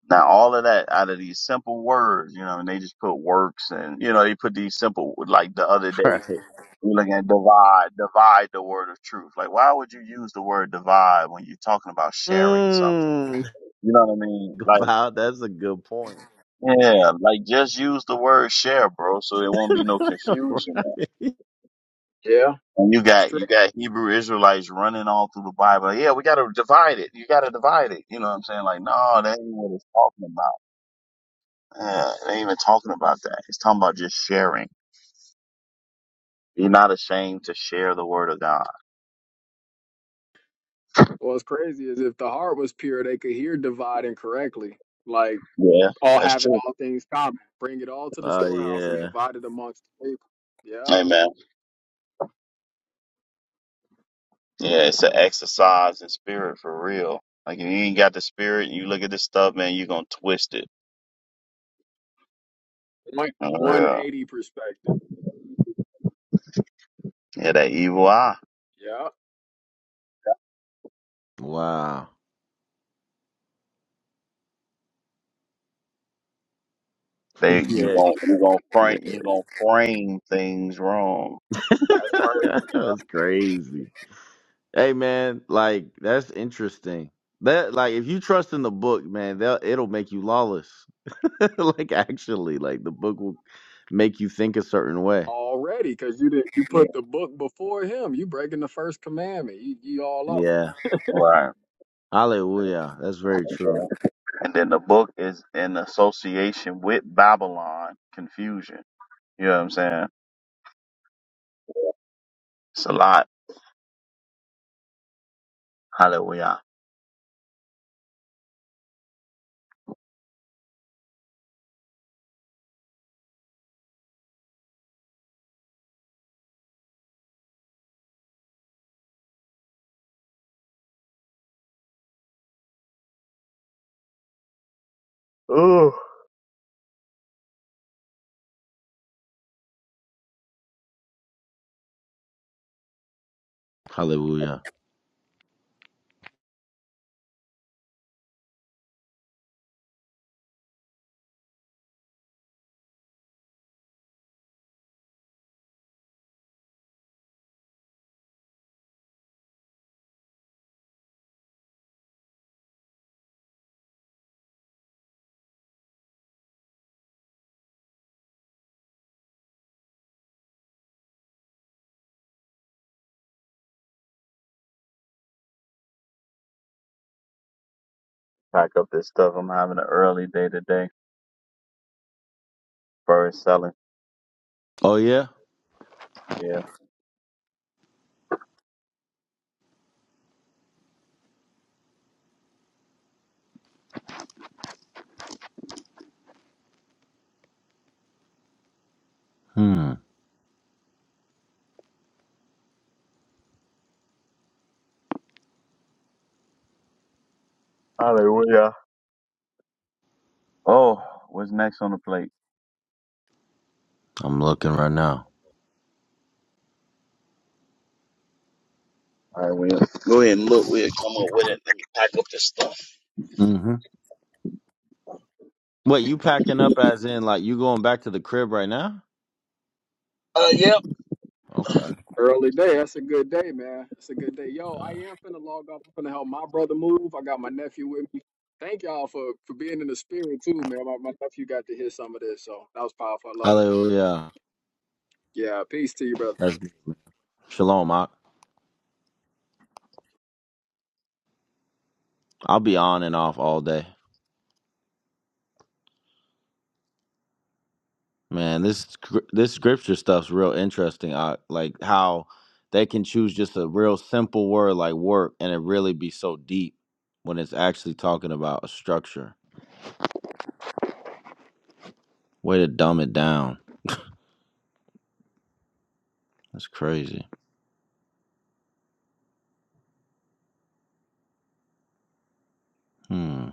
Now all of that out of these simple words, you know, and they just put works and you know they put these simple like the other day.
Right.
We're looking at divide, divide the word of truth. Like, why would you use the word divide when you're talking about sharing something?
Mm.
You know what I mean? Like,
Wow, that's a good point.
yeah, like just use the word share, bro, so there won't be no confusion.
right.
Yeah,
And you
that's
got
true.
you got Hebrew Israelites running all through the Bible. Like, yeah, we gotta divide it. You gotta divide it. You know what I'm saying? Like, no, that ain't what it's talking about. Yeah, it ain't even talking about that. It's talking about just sharing. You're not ashamed to share the word of God.
Well, What's crazy is if the heart was pure, they could hear dividing correctly. Like
Yeah,
all
that's
having
true.
all things common, bring it all to the
Oh
storehouse and
yeah.
divide it amongst the people. Yeah,
Amen. Yeah, it's an exercise in spirit for real. Like if you ain't got the spirit and you look at this stuff, man, you gonna twist it.
one
For
one
real.
eighty perspective.
Yeah, that evil eye.
Yeah,
Wow.
They you
yeah.
gonna you gonna
Man.
frame you gonna frame things wrong.
that's perfect. Yeah
that's crazy. Hey man, like that's interesting. That like if you trust in the book, man, they'll it'll make you lawless. like actually, like the book will make you think a certain way.
already because you did you
Yeah.
put the book before him. You breaking the first commandment. You, you all up.
Yeah.
Right.
Hallelujah. That's very true.
And then the book is in association with Babylon confusion. You know what I'm saying? It's a lot. Hallelujah. Ooh.
Hallelujah.
Pack up this stuff. I'm having an early day today. Bird selling.
Oh yeah?
Yeah.
Hmm.
Hallelujah. Oh, what's next on the plate?
I'm looking right now.
All right, we'll go ahead and look. We'll come up with it. Let me pack up this stuff.
Mm-hmm. Wait, you packing up as in like you going back to the crib right now?
Uh, yep.
Okay.
Early day. That's a good day, man. That's a good day. Yo,
Yeah.
I am finna log off. I'm finna help my brother move. I got my nephew with me. Thank y'all for for being in the spirit too, man. My, my nephew got to hear some of this, so that was powerful. I love it.
Hallelujah.
Yeah, peace to you, brothers.
That's shalom. I, I'll be on and off all day. Man, this scr- this scripture stuff's real interesting. I like how they can choose just a real simple word like work and it really be so deep when it's actually talking about a structure. Way to dumb it down. That's crazy. Hmm.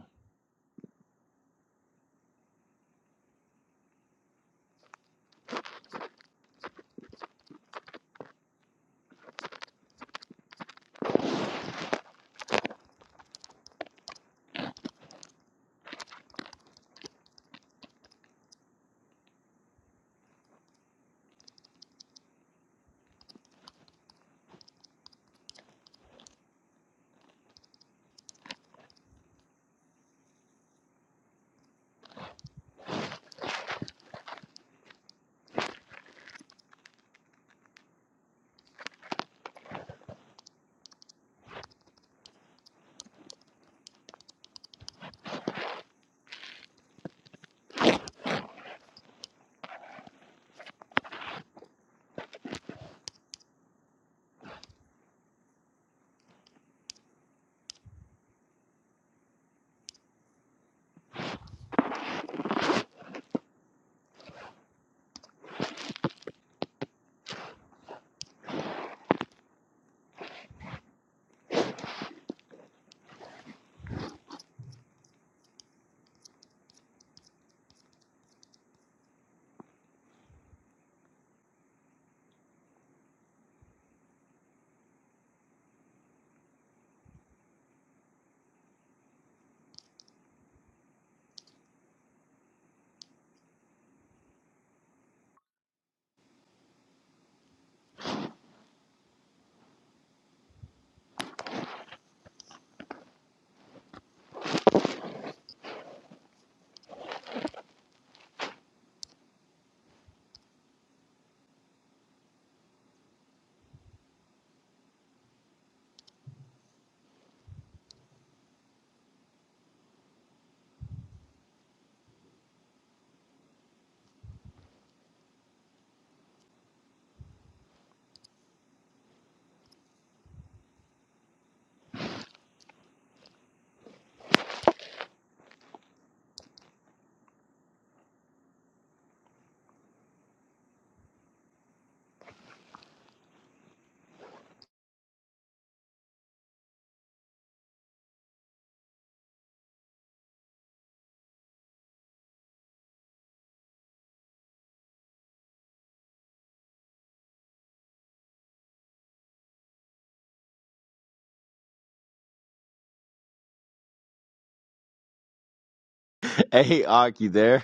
Hey, Ark, you there?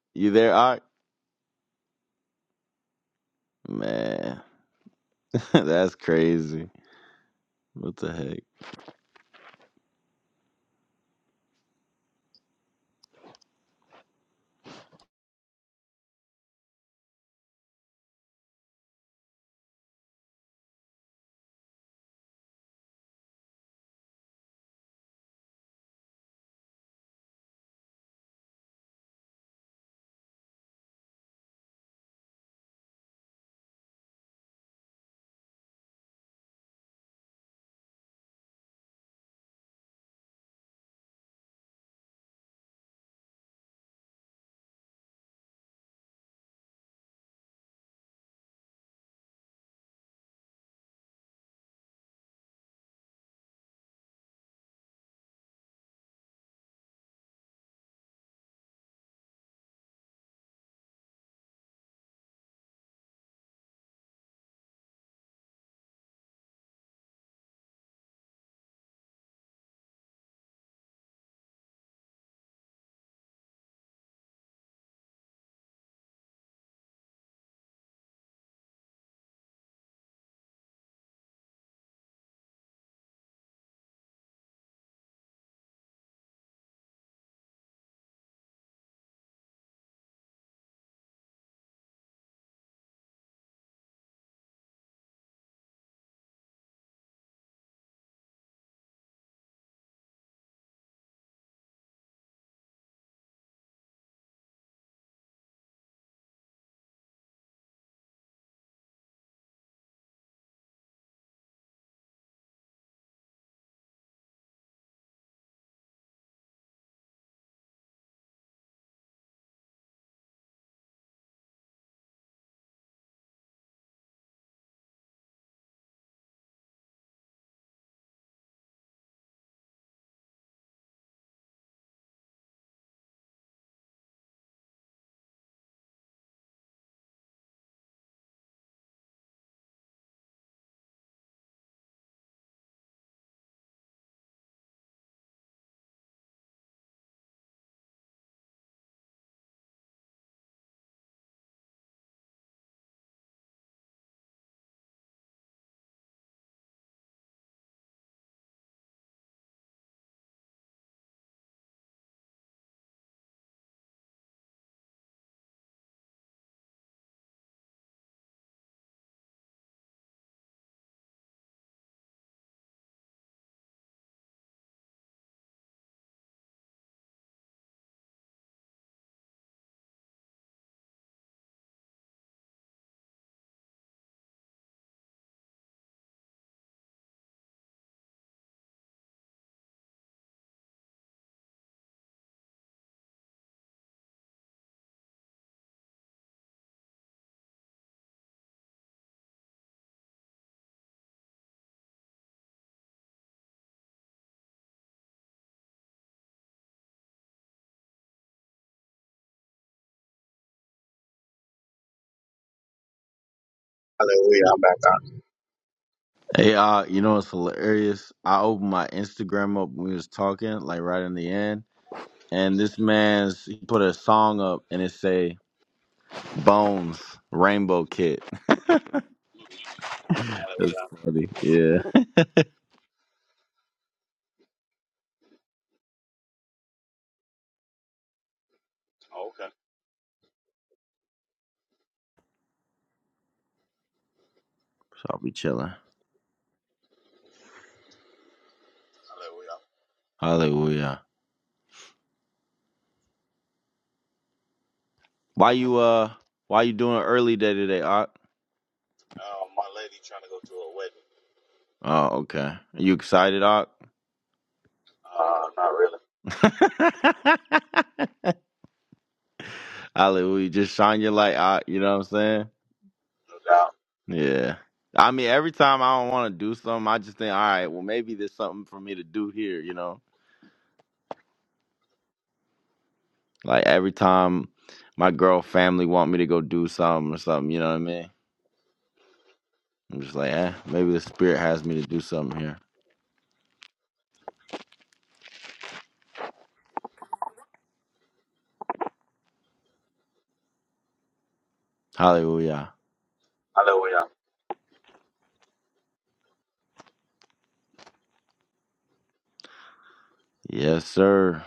you there, Ark? Man, that's crazy. What the heck?
Hallelujah. I'm back out.
Hey, Ark, you know what's hilarious? I opened my Instagram up when we was talking, like right in the end, and
Mhm.
this man's he put a song up and it say Bones Rainbow Kid. That's
Hallelujah.
funny. Yeah.
Oh, okay.
So I'll be chilling.
Hallelujah.
Hallelujah. Why you uh? Why you doing early day today, Ark?
Um, my lady trying to go to a wedding.
Oh, okay. Are you excited, Ark?
Uh, not really.
Hallelujah. Just shine your light out. You know what I'm saying?
No doubt.
Yeah. I mean, every time I don't want to do something, I just think, all right, well, maybe there's something for me to do here. You know, like every time my girl family want me to go do something or something. You know what I mean? I'm just like, eh, maybe the spirit has me to do something here. Hallelujah.
Hallelujah.
Yes, sir.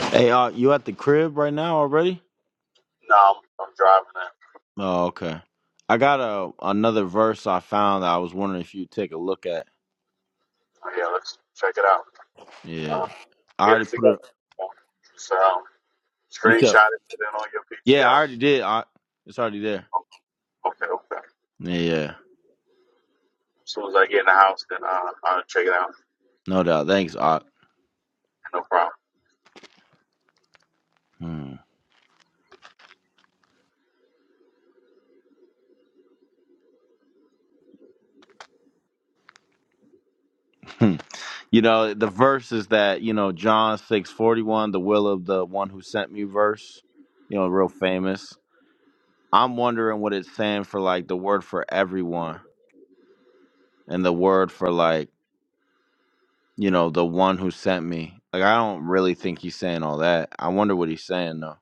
Hey, uh, you at the crib right now already?
No, I'm, I'm driving it.
Oh, okay. I got a another verse I found that I was wondering if you would take a look at.
Oh, yeah, let's check it out.
Yeah.
Uh,
I
get
already
it
put
together.
it.
So,
You said
screenshot it, put it on your
Yeah, I
PTR.
already did, Art. It's already there.
Okay, okay.
Yeah, yeah.
As soon as I get in the house, then uh, I'll check it out.
No doubt. Thanks, Art.
No problem.
Hmm. you know, the verse is that, you know, John six forty one, the will of the one who sent me verse, you know, real famous. I'm wondering what it's saying for like the word for everyone and the word for like, you know, the one who sent me. Like I don't really think he's saying all that. I wonder what he's saying though.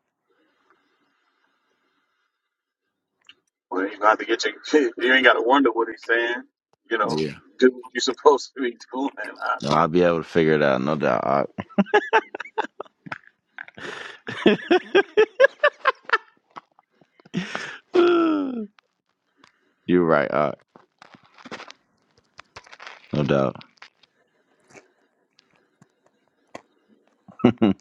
Well, you gonna have to get your. you ain't gotta wonder what he's saying. You know,
Yeah.
do what you're supposed to be doing. I,
No, I'll be able to figure it out, no doubt, Art. You're right, Art. No doubt. Mhm.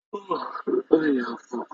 oh, yeah, fuck.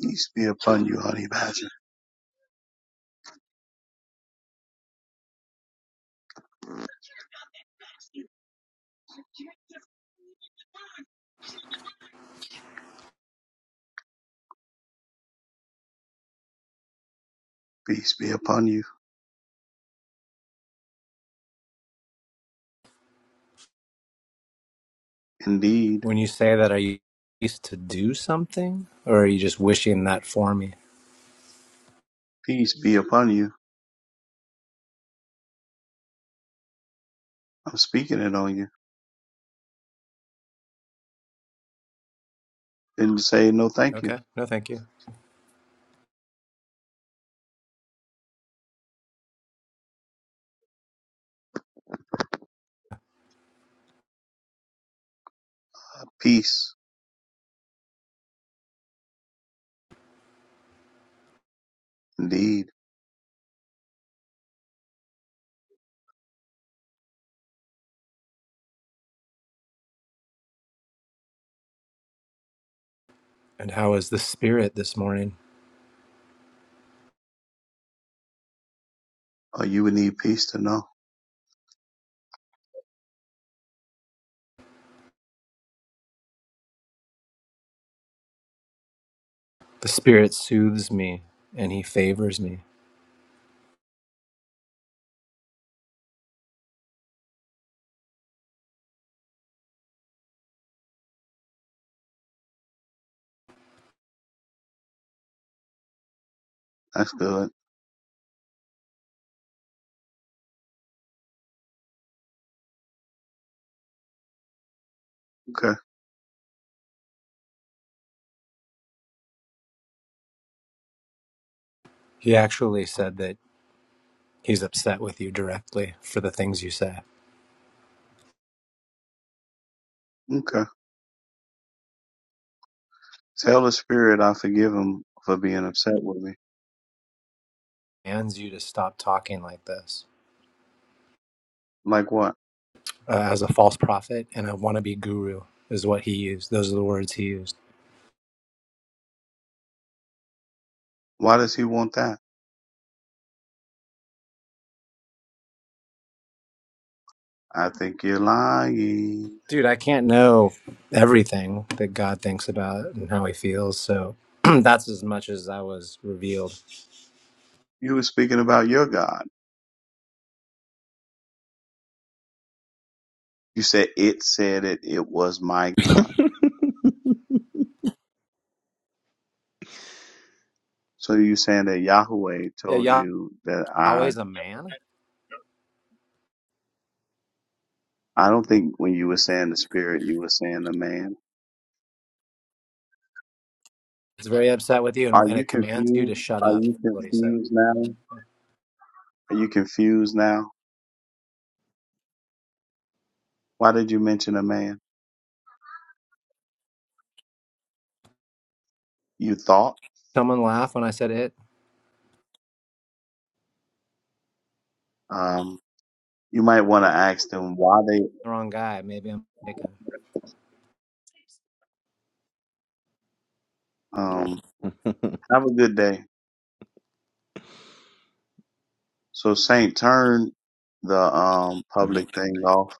Peace be upon you, honey badger.
When you say that, are you used to do something, or are you just wishing that for me?
Peace be upon you. I'm speaking it on you. Didn't say no thank you.
Okay, no, thank you.
Peace. Indeed.
And how is the Spirit this morning?
Oh, you would need peace to know.
The Spirit soothes me, and He favors me.
That's good. Okay.
He actually said that He's upset with you directly for the things you say.
Okay. Tell the spirit I forgive him for being upset with me.
He Commands you to stop talking like this
Like what?
uh, as a false prophet and a wannabe guru is what he used. Those are the words he used.
Why does he want that? I think you're lying.
Dude, I can't know everything that God thinks about and how He feels, so that's as much as I was revealed
You were speaking about your God. You said it said it, it was my God. So you saying that Yahweh
Yeah,
told
Yah-
you that
Yahweh
I,
is a man.
I don't think when you were saying the spirit, you were saying the man.
It's very upset with you, and,
Are
and
you
it commands you to
confused?
shut
Are
up.
you
Is what he said.
confused now? Are you confused now? Why did you mention a man? You thought,
Someone laughed when I said it.
um, you might want to ask them why they,
The wrong guy. Maybe I'm mistaken.
um, have a good day. So Saint, turn the, um, public thing off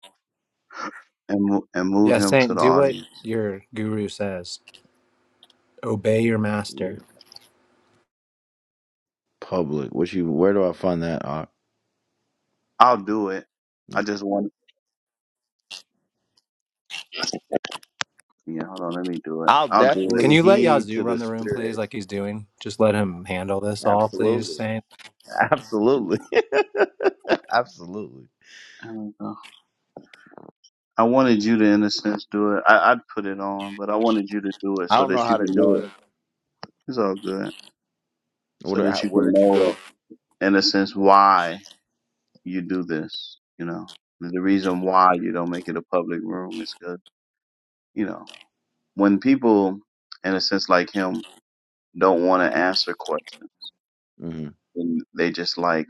and, mo- and move
Yeah,
him to
Saint,
the
do what
audience.
your guru says. Obey your
Yeah.
master.
Public. What you? Where do I find that? Uh,
I'll do it.
no.
I just want Yeah, hold on, let me do it.
I'll
I'll do it.
Can
definitely
you let
heed
Yazoo
to the
run the room, please,
spirit.
like he's doing? Just let him handle this all, please,
Absolutely.
Saint.
Absolutely. Absolutely.
There we go. I wanted you to, in a sense, do it. I, I'd put it on, but I wanted you to do it
I
so
don't
that
know how
you
to
can
do it.
know. It's all good. So
What?
that
How,
you
where
can
did you go?
know, in a sense, why you do this. You know, the reason why you don't make it a public room is good. You know, when people, in a sense, like him, don't want to answer questions,
hmm
and they just like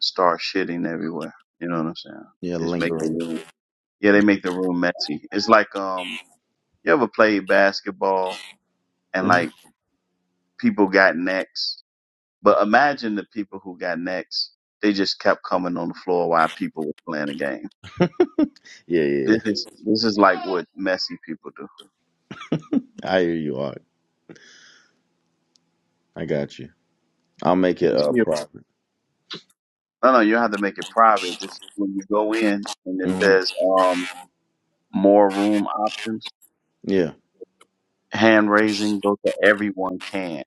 start shitting everywhere. You know what I'm saying?
Yeah,
Just make the
lingering.
room. Yeah, they make the room messy. It's like um You ever played basketball
hmm
and like people got next? But imagine the people who got next. They just kept coming on the floor while people were playing the game.
Yeah, yeah, yeah.
This is this is like what messy people do.
I hear you. Art. I got you. I'll make it
Peace
uh,
be-
private.
No, no, you have to make it private. Just when you go in and it
hmm
says um more room options,
Yeah.
hand raising go to everyone can.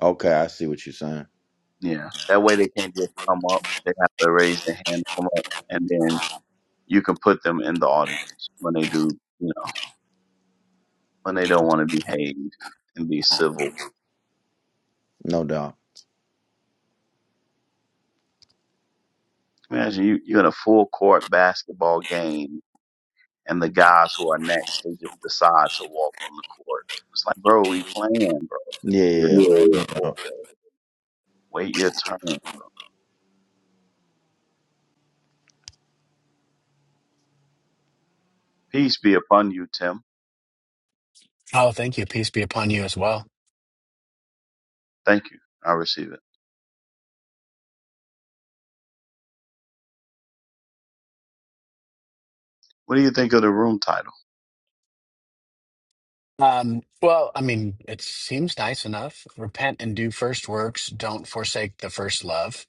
Okay. I see what you're saying.
Yeah, that way they can't just come up. They have to raise their hand, come up, and then you can put them in the audience when they do. You know. when they don't want to behave and be civil.
No doubt.
Imagine you, you're in a full court basketball game and the guys who are next, they just decide to walk on the court. It's like, bro, we playing, bro.
Yeah,
Yeah,
yeah.
yeah, yeah.
yeah. No.
yeah. Wait your turn. Peace be upon you, Tim.
Oh, thank you. Peace be upon you as well.
Thank you. I receive it. What do you think of the room title?
Um, well, I mean, it seems nice enough. Repent and do first works. Don't forsake the first love.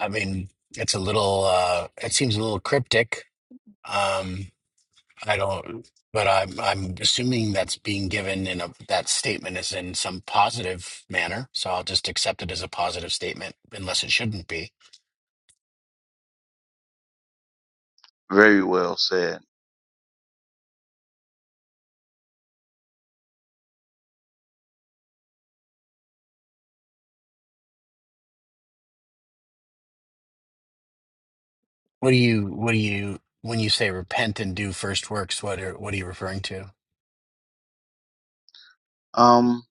I mean, it's a little. Uh, it seems a little cryptic. Um, I don't, but I'm I'm assuming that's being given in a that statement is in some positive manner. So I'll just accept it as a positive statement, unless it shouldn't be.
Very well said.
What do you what do you when you say repent and do first works, what are what are you referring to?
Um,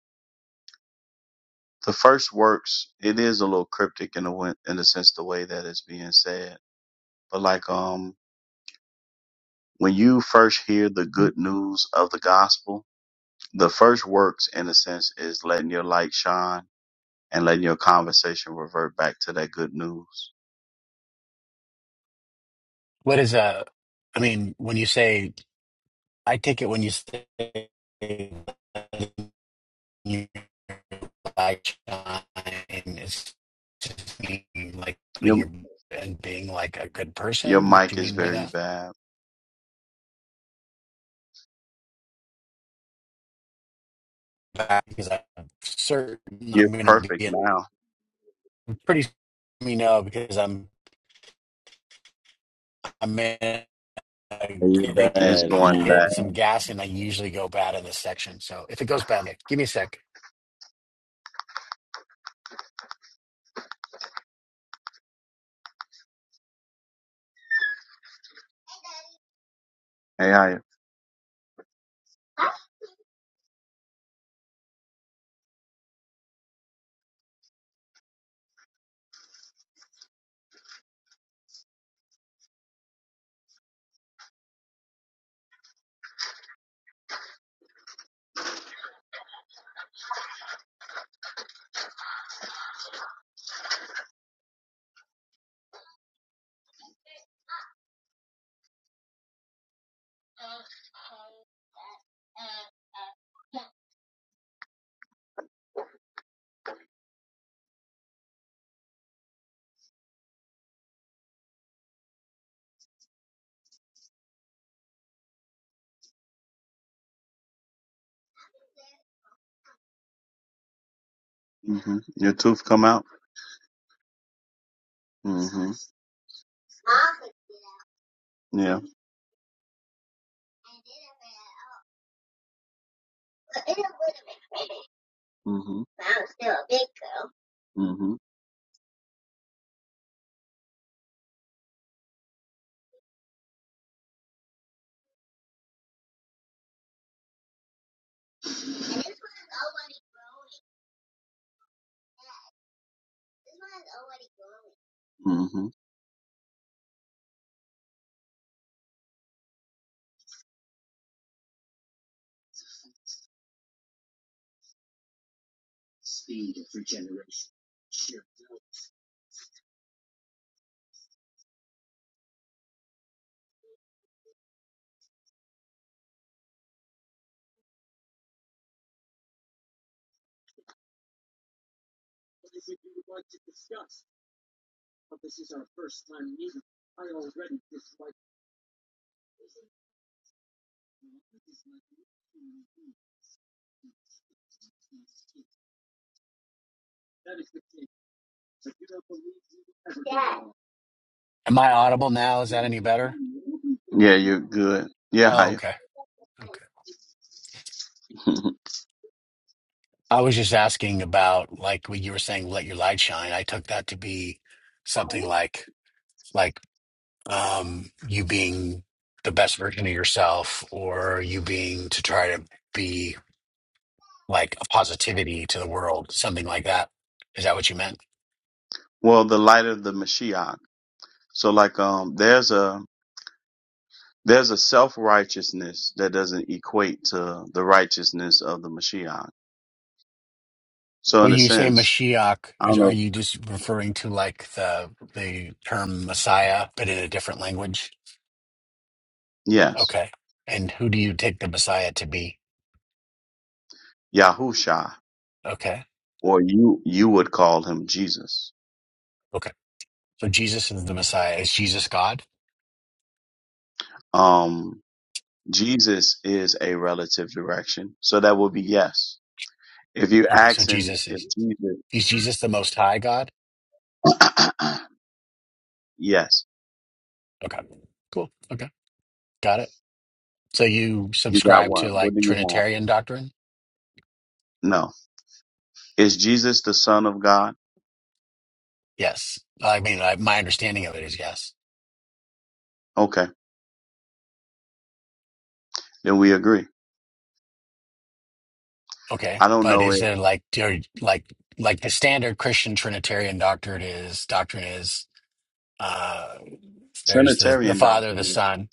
the first works, it is a little cryptic in the, win- in the sense the way that it's being said, but like, um, When you first hear the good news of the gospel, the first works, in a sense, is letting your light shine and letting your conversation revert back to that good news.
What is a I mean, when you say I take it when you say you like shine, it's just mean like putting
Your,
your and being like a good
your
person. What Do
mic
you
is
mean by
very
that?
bad.
That- Because I'm certain
You're
I'm going to
perfect
be
now.
I'm pretty certain, you know because I'm a man.
You're
getting
It's
bad
going
now.
back.
get some gas, and I usually go bad in this section. So if it goes bad, yeah, give me a sec.
Hey, I, hmm your tooth come out? hmm Yeah. hmm hmm hmm Yeah,
Am I audible now? Is that any better?
you're good. Yeah,
Oh,
hi.
okay. Okay. I was just asking about like what you were saying, let your light shine. I took that to be something like like um you being the best version of yourself or you being to try to be like a positivity to the world, something like that. Is that what you meant?
well, the light of the Mashiach. So, like, um, there's a There's a self righteousness that doesn't equate to the righteousness of the Mashiach. So in
When
a
you say
sense,
Mashiach,
I don't
are
know.
you just referring to like the the term Messiah, but in a different language?
Yes,
Okay. And who do you take the Messiah to be?
Yahusha,
Okay.
or you you would call him Jesus.
Okay. So Jesus is the Messiah. Is Jesus God?
Um, Jesus is a relative direction, so that would be yes. If you
Okay. So
asking
Jesus
if
is
Jesus,
is Jesus the Most High God?
yes,
Okay. Cool. Okay. Got it. So you
you got
subscribe to
one. What
like
do you have?
Trinitarian doctrine?
No, is Jesus the Son of God?
Yes. I mean, I, my understanding of it is yes.
Okay, then we agree.
Okay,
I don't
but
know if
is there like do like like the standard Christian Trinitarian doctrine is doctrine is uh there's the the
Trinitarian
Father, the
doctrine,
Son.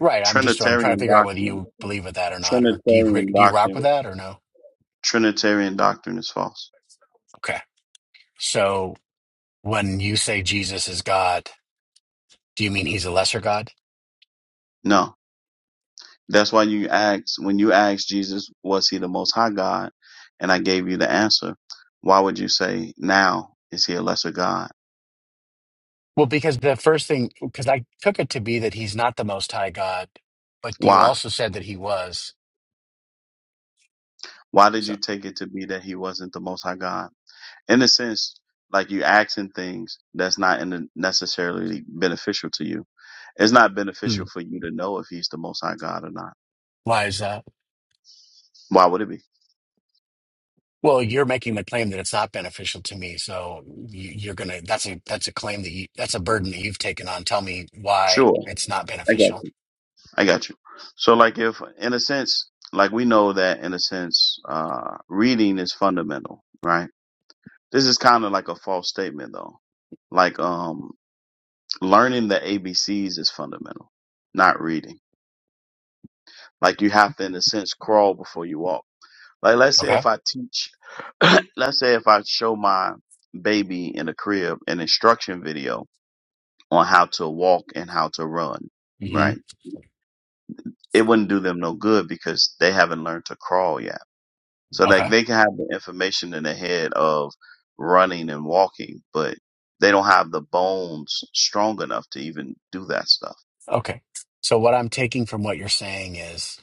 Right. I'm just I'm trying to
Trinitarian
figure out whether
doctrine.
you believe with that or not, or do you agree-
Trinitarian
do you rock with
doctrine.
that or no?
Trinitarian doctrine is false.
Okay. So when you say Jesus is God, do you mean he's a lesser God?
No. That's why you asked, when you asked Jesus, was he the most high God? And I gave you the answer. Why would you say now is he a lesser God?
Well, because the first thing because I took it to be that he's not the Most High God, but you
Why?
also said that he was.
Why did
So
you take it to be that he wasn't the most high God? In a sense, like you asking things that's not in the- necessarily beneficial to you. It's not
hmm.
beneficial for you to know if he's the most high God or not.
why is that?
Why would it be?
Well, you're making the claim that it's not beneficial to me, so you- you're gonna, that's a, that's a claim that you, that's a burden that you've taken on. Tell me why
Sure.
it's not
Okay.
beneficial.
I got you. So, like, if in a sense, like we know that in a sense, uh, reading is fundamental, right? This is kind of like a false statement though. Like, um, learning the ABCs is fundamental, not reading. Like, you have to, in a sense, crawl before you walk. Like, let's say
Okay.
if I teach, let's say if I show my baby in the crib an instruction video on how to walk and how to run,
hmm
right? It wouldn't do them no good because they haven't learned to crawl yet So like
Okay.
they can have the information in their head of running and walking, but they don't have the bones strong enough to even do that stuff.
Okay. So what I'm taking from what you're saying is,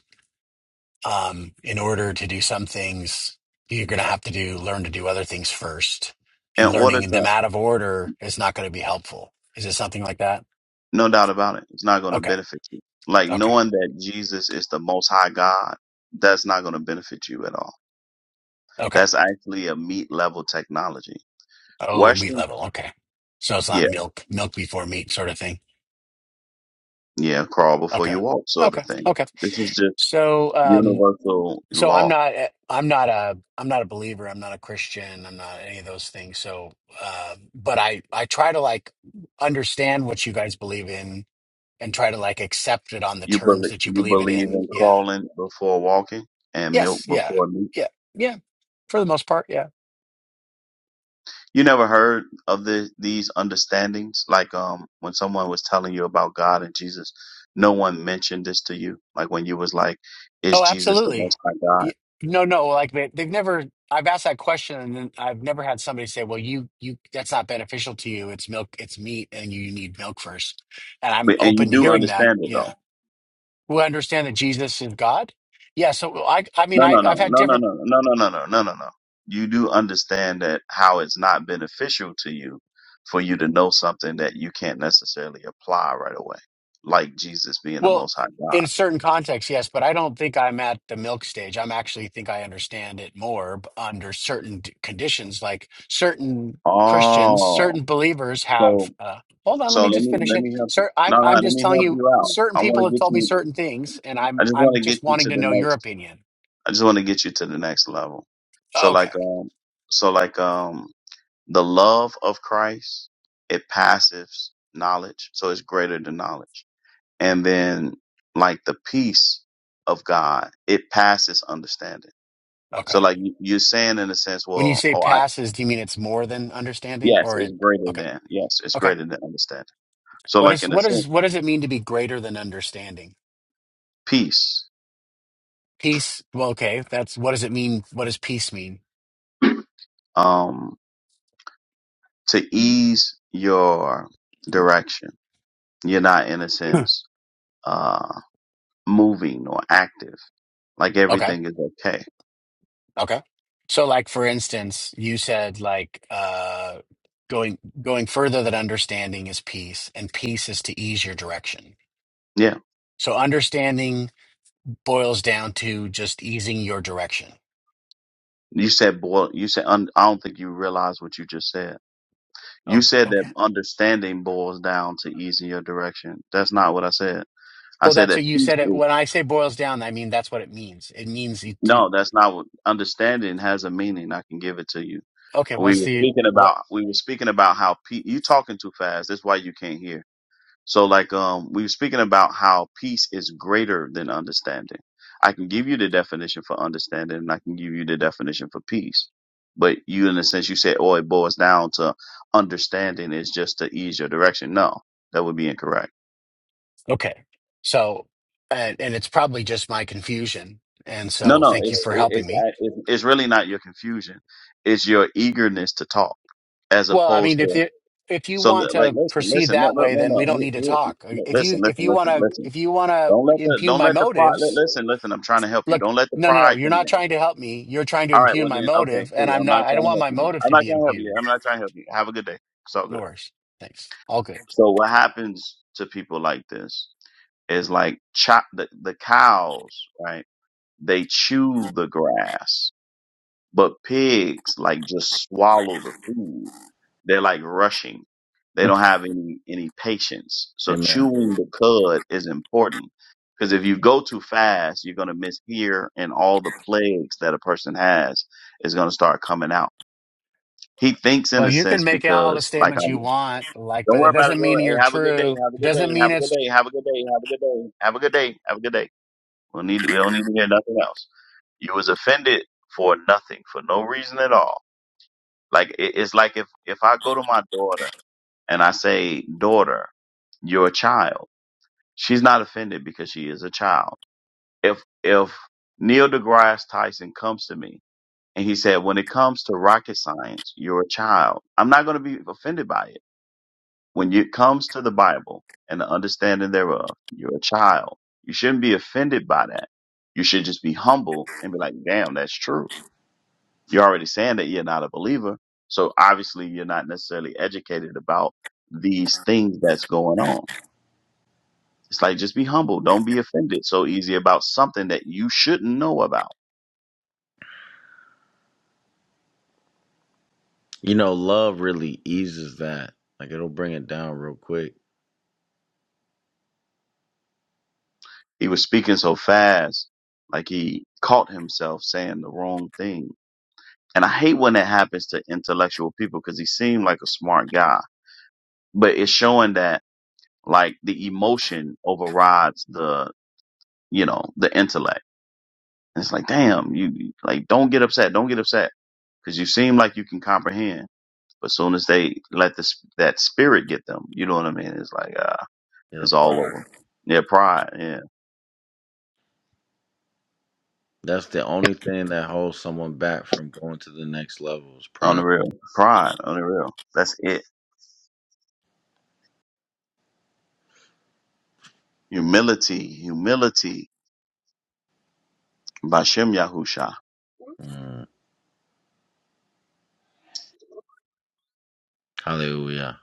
um, in order to do some things, you're gonna have to do, learn to do other things first,
In
and
order
learning them
to,
out of order is not gonna be helpful. Is it something like that?
no doubt about it, it's not going to
Okay.
benefit you. Like
Okay.
knowing that Jesus is the most high God, that's not going to benefit you at all.
Okay.
That's actually a meat level technology.
Oh, meat
Western,
level. Okay. So it's not
yeah,
milk, milk before meat sort of thing.
yeah, crawl before
Okay.
you walk sort of
Okay.
thing.
Okay.
This is just
So, um,
universal
so I'm
law.
not, eh, I'm not a, I'm not a believer. I'm not a Christian. I'm not any of those things. So, uh, but I, I try to like understand what you guys believe in and try to like accept it on the
You
terms
believe
that you
you
believe it
believe
in.
in
Yeah.
crawling before walking and milk
Yes. Yeah.
before meat.
Yeah. Yeah. For the most part. Yeah.
You never heard of the these understandings like um when someone was telling you about God and Jesus, no one mentioned this to you. Like when you was like, is
Oh,
Jesus the
absolutely.
Most High
Y-
God?
No, no, like they, they've never. I've asked that question, and then I've never had somebody say, "Well, you, you, that's not beneficial to you. It's milk, it's meat, and you need milk first." And I'm
But and you
open to
do
hearing that.
understand it
Yeah,
though.
we understand that Jesus is God. Yeah, so well, I, I mean,
No,
I,
no,
I've
no,
had
no,
different
no, no, no, no, no, no, no, no, no. You do understand that how it's not beneficial to you for you to know something that you can't necessarily apply right away, like Jesus being the
Well,
Most High God.
in certain contexts, yes, but I don't think I'm at the milk stage. I'm actually think I understand it more b- under certain d- conditions, like certain Christians,
Oh,
certain believers have.
so
Uh, hold on, let
so
me
let
just
me
finish
let
it.
me help you.
Sir,
No,
I'm
no,
I'm
let
just
me
telling
help
you,
you out.
certain
I
people
want to
have
get
told me
you.
certain things, and I'm
I just want
I'm
to get
just
you
wanting
to
to
the
know your
next.
opinion.
I just want to get you to the next level. So
Okay,
like um, so like um, the love of Christ it passes knowledge, so it's greater than knowledge. And then like the peace of God, it passes understanding. So
okay.
like you- you're saying in a sense,
When you
well,
say
oh, I
passes, do you mean it's more than understanding,
yes,
or
it's
it?
greater
Okay,
than yes, it's
okay.
greater than understanding. So
What
like
is
in a
what
sense.
is what does it mean to be greater than understanding?
Peace,
Peace. Well, okay. That's what does it mean? What does peace mean?
um, to ease your direction. You're not, in a
Hmm.
sense, uh, moving or active. Like
okay.
everything is okay.
Okay. So, like for instance, you said like uh, going going further than understanding is peace, and peace is to ease your direction.
Yeah.
So, understanding boils down to just easing your direction.
You said boil. You said un, I don't think you realize what you just said. You
Oh,
said that
okay.
understanding boils down to easing your direction. That's not what I said. I
Well,
said
that's
that
what you
peace
said. It
is
when I say boils down, I mean that's what it means. It means you do.
no. That's not what understanding has a meaning. I can give it to you.
Okay.
We
What's
were
the
speaking
what?
about we were speaking about how pe- you talking too fast. That's why you can't hear So like um we were speaking about how peace is greater than understanding. I can give you the definition for understanding and I can give you the definition for peace. But you in a sense you said, oh, it boils down to understanding is just to ease your direction. No, that would be incorrect.
Okay. So, and, and it's probably just my confusion. And
No,
so,
no,
thank you
it's
for
it-
helping
it's
me
I- it's it's really not your confusion. It's your eagerness to talk as
Well, I
opposed
mean, if
to
you if you
so
want
li- like
to
listen,
proceed
listen, no,
that
no,
way,
no,
then we
no,
don't
Here-
need to
here-
talk. Uh,
no,
If you
listen,
if
listen,
you want
listen,
to
listen.
if you want to
Don't let the
impugn
don't
my
let the pride. Li-
motives,
listen, listen. I'm trying to help you.
look,
Don't let the
no, no, no,
pride
you're
come
not
in.
trying to help me. You're trying to
All right.
impugn
Well
my
then, okay,
motive, and
cool.
I'm
I'm
not.
not
I don't
trying to
want
help
my
you. Then.
motive
I'm
to
not
be
trying to help you. I'm
impugned.
not trying to help you. Have a good day. It's all
No
good.
worries. Thanks. All good.
So what happens to people like this is like chop the the cows. Right? They chew the grass. But pigs like just swallow the food. They're like rushing. They don't have any any patience. So
Amen.
chewing the cud is important because if you go too fast, you're gonna miss here, and all the plagues that a person has is gonna start coming out. He thinks in
Well,
a
you can
sense
make all the
because like
statements you
I'm.
want, like,
Don't
but it
worry about it,
doesn't
bro.
mean
Hey,
you're
have a good day.
true.
Have a good
doesn't
day.
mean
Have a
it's
good day. Have a good day. Have a good day. Have a good day. Have a good day. We don't need. We don't need to hear nothing else. You was offended for nothing, for no reason at all like it, it's like if if I go to my daughter and I say, "Daughter, you're a child," she's not offended because she is a child. If if Neil deGrasse Tyson comes to me and he said, "When it comes to rocket science, you're a child," I'm not going to be offended by it. When it comes to the Bible and the understanding thereof, you're a child. You shouldn't be offended by that. You should just be humble and be like, "Damn, that's true." You're already saying that you're not a believer. So obviously you're not necessarily educated about these things that's going on. It's like, just be humble. Don't be offended so easy about something that you shouldn't know about.
You know, love really eases that. Like it'll bring it down real quick.
He was speaking so fast, like he caught himself saying the wrong thing. And I hate when that happens to intellectual people because he seemed like a smart guy, but it's showing that like the emotion overrides the, you know, the intellect And it's like, damn, you you- like don't get upset, don't get upset, because you seem like you can comprehend. But soon as they let this that spirit get them, you know what I mean? It's like uh,
Yeah, the
it's all
pride.
over. Yeah, pride. Yeah,
That's the only thing that holds someone back from going to the next level is pride.
unreal. Pride, unreal. That's it. Humility, humility. By Shem Yahusha.
Mm, hallelujah.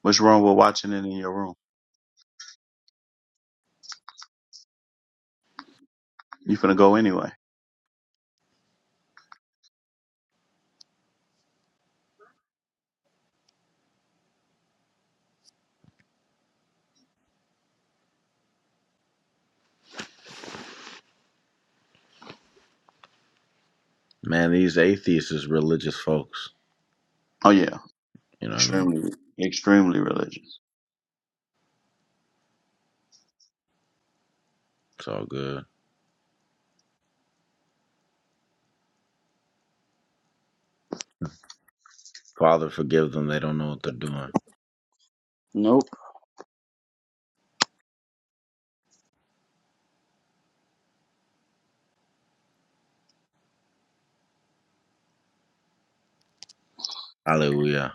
What's wrong with watching it in your room? You finna go anyway.
Man, these atheists is religious folks.
Oh yeah,
You know what I mean?
extremely, extremely religious.
It's all good. Father, forgive them. They don't know what they're doing.
Nope.
Hallelujah.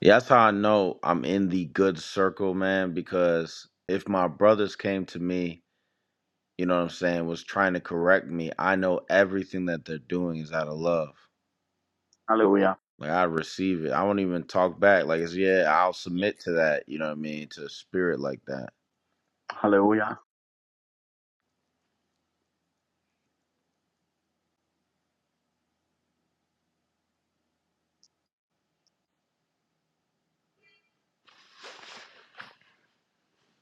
Yeah, that's how I know I'm in the good circle, man, because if my brothers came to me, you know what I'm saying, was trying to correct me, I know everything that they're doing is out of love. Like I receive it. I won't even talk back. Like it's yeah, I'll submit to that, you know what I mean, to a spirit like that.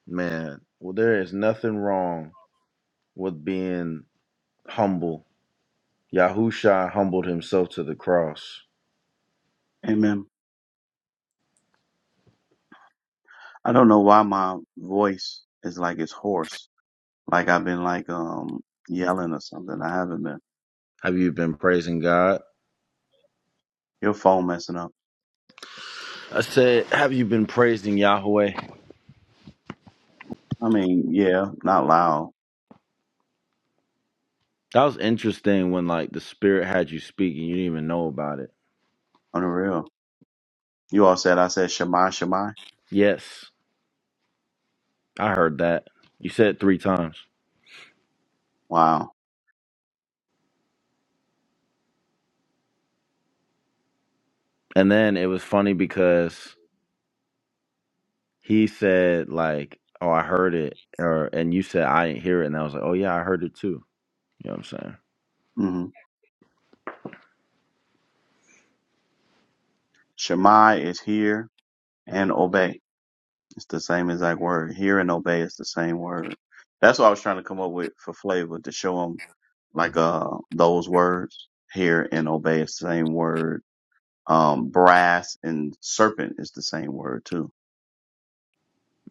Man, well there is nothing wrong with being humble. Yahusha humbled himself to the cross.
Amen. I don't know why my voice is like it's hoarse like I've been like um yelling or something. I haven't been.
Have you been praising God?
Your phone messing up.
I said, have you been praising Yahweh?
I mean, yeah, not loud.
That was interesting when like the spirit had you speak and you didn't even know about it.
Unreal. You all said I said Shemai Shemai.
Yes, I heard that. You said it three times.
Wow.
And then it was funny because he said like, "Oh, I heard it," or and you said I didn't hear it, and I was like, "Oh yeah, I heard it too." You know what I'm saying?
Mm-hmm. Shemai is hear and obey. It's the same exact word. Hear and obey is the same word. That's what I was trying to come up with for flavor to show them like uh those words. Hear and obey is the same word. Um, brass and serpent is the same word too.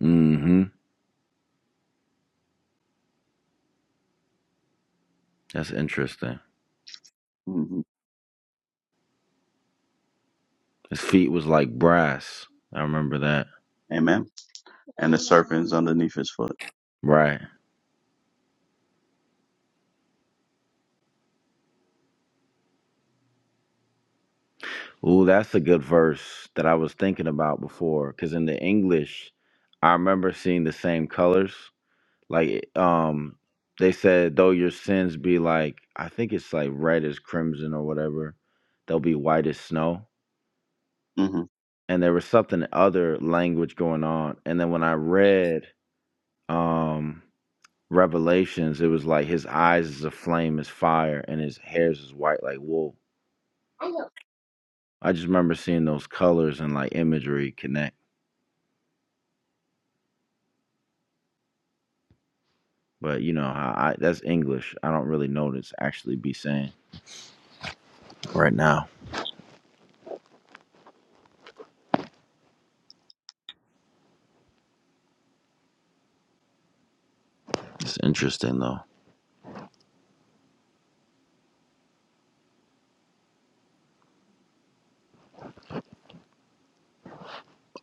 Mm-hmm. That's interesting.
hmm
His feet was like brass. I remember that.
Amen. And the serpent's underneath his foot.
Right. Ooh, that's a good verse that I was thinking about before. Cause in the English, I remember seeing the same colors. Like, um, they said though your sins be like, I think it's like red as crimson or whatever, they'll be white as snow
Mm-hmm.
and there was something other language going on. And then when I read um Revelations, it was like his eyes is a flame is fire and his hairs is white like wool. I just remember seeing those colors and like imagery connect. But you know how I that's English. I don't really know this actually be saying right now. It's interesting though.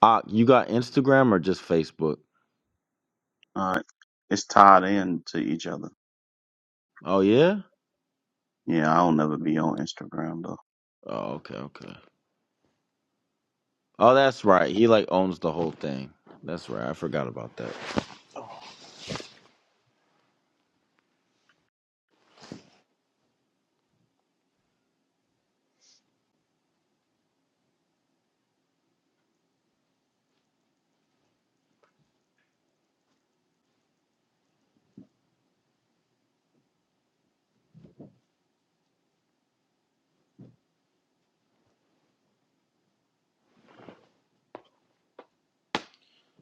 Ah, you got Instagram or just Facebook?
All right. It's tied in to each other.
Oh yeah?
Yeah, I'll never be on Instagram though.
Oh okay, okay. Oh that's right. He like owns the whole thing. That's right. I forgot about that.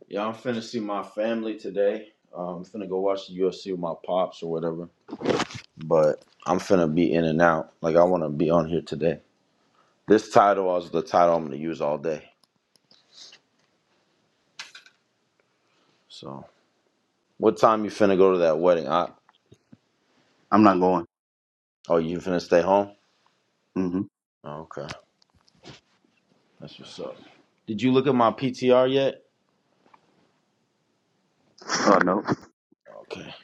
Yeah, I'm finna see my family today. Um, I'm finna go watch the UFC with my pops or whatever. But I'm finna be in and out. Like I wanna be on here today. This title is the title I'm gonna use all day. So what time you finna go to that wedding? I,
I'm not going.
oh, you finna stay home?
Mm-hmm.
Oh, okay. That's what's up. Did you look at my PTR yet?
Oh no.
Okay.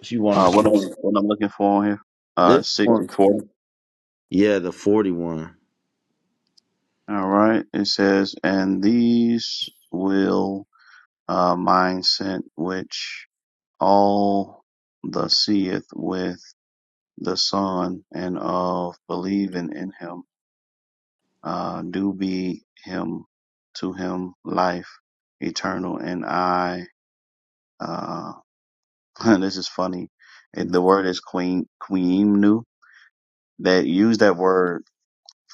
If you want
Uh, what I'm what I'm looking for on here? Uh,
this
six
one.
and four.
Yeah, the 41.
All right. It says, and these will uh mine sent which all the seeth with the Son and of believing in Him uh do be Him to Him life eternal, and I. uh, this is funny. It- The word is queen queemnu. They use that word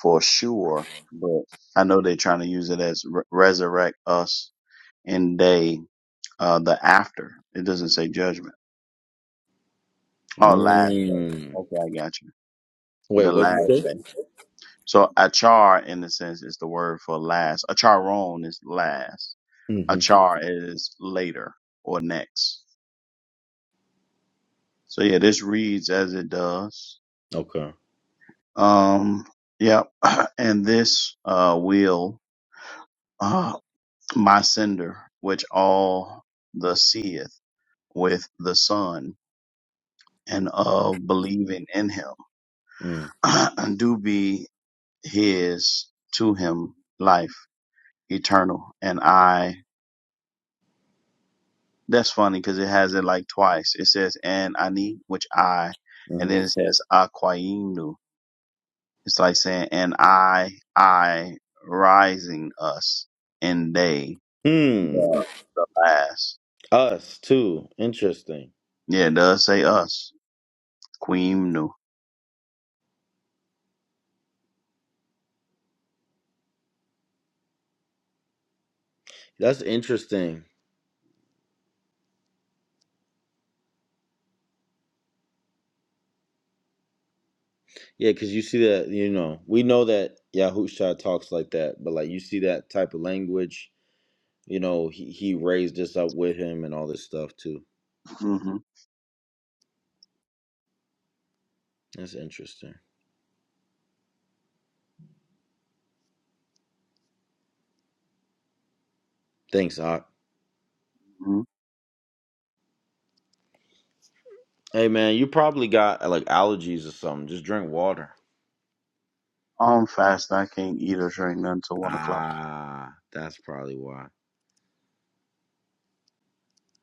for sure, but I know they're trying to use it as re- resurrect us in day uh the after. It doesn't say judgment. Oh, last day.
Mm.
Okay, I got you.
Wait,
The
what'd you
last
say?
day. So achar, in a sense, is the word for last. Acharon is last.
Mm-hmm.
Achar is later or next. So yeah, this reads as it does.
Okay.
Um, Yeah, And this uh, will uh, my sender, which all the seeth with the Son and of believing in him,
Mm-hmm.
do be his to him life eternal. And I, that's funny because it has it like twice. It says, and ani, which I, and
Mm-hmm.
then it says, aquainu. It's like saying, and I, I, rising us and they.
Hmm.
The, the last.
Us too. Interesting.
Yeah, it does say us. Queen nu.
That's interesting. Yeah, because you see that, you know, we know that Yahusha talks like that, but like you see that type of language, you know, he, he raised us up with him and all this stuff too.
Mm-hmm.
That's interesting. Thanks, Ock.
hmm
Hey man, you probably got uh, like allergies or something. Just drink water.
I'm fast. I can't eat or drink nothing till one o'clock.
Ah, that's probably why.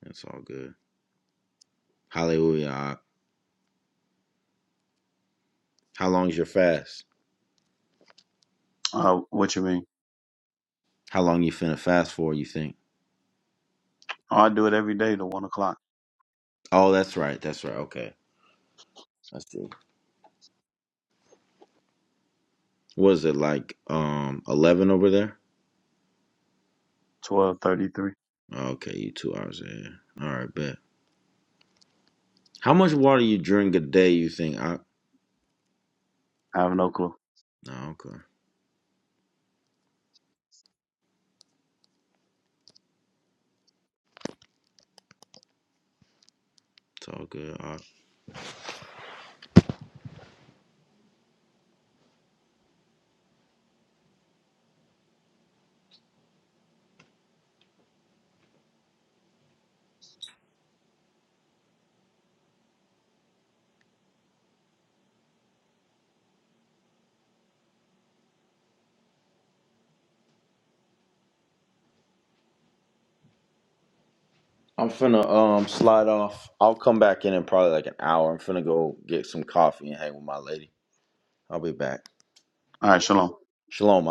It's all good. Hallelujah. Ock. How long is your fast?
Uh, what you mean?
How long you finna fast for, you think?
Oh, I do it every day to one o'clock.
Oh, that's right. That's right. Okay. That's it. What is it like? Um, eleven over there.
Twelve thirty-three.
Okay, you two hours ahead. All right, bet. How much water you drink a day? You think? I
I have no clue.
no, okay. It's all good. All right. I'm finna um slide off. I'll come back in in probably like an hour. I'm finna go get some coffee and hang with my lady. I'll be back.
All right, shalom.
Shalom,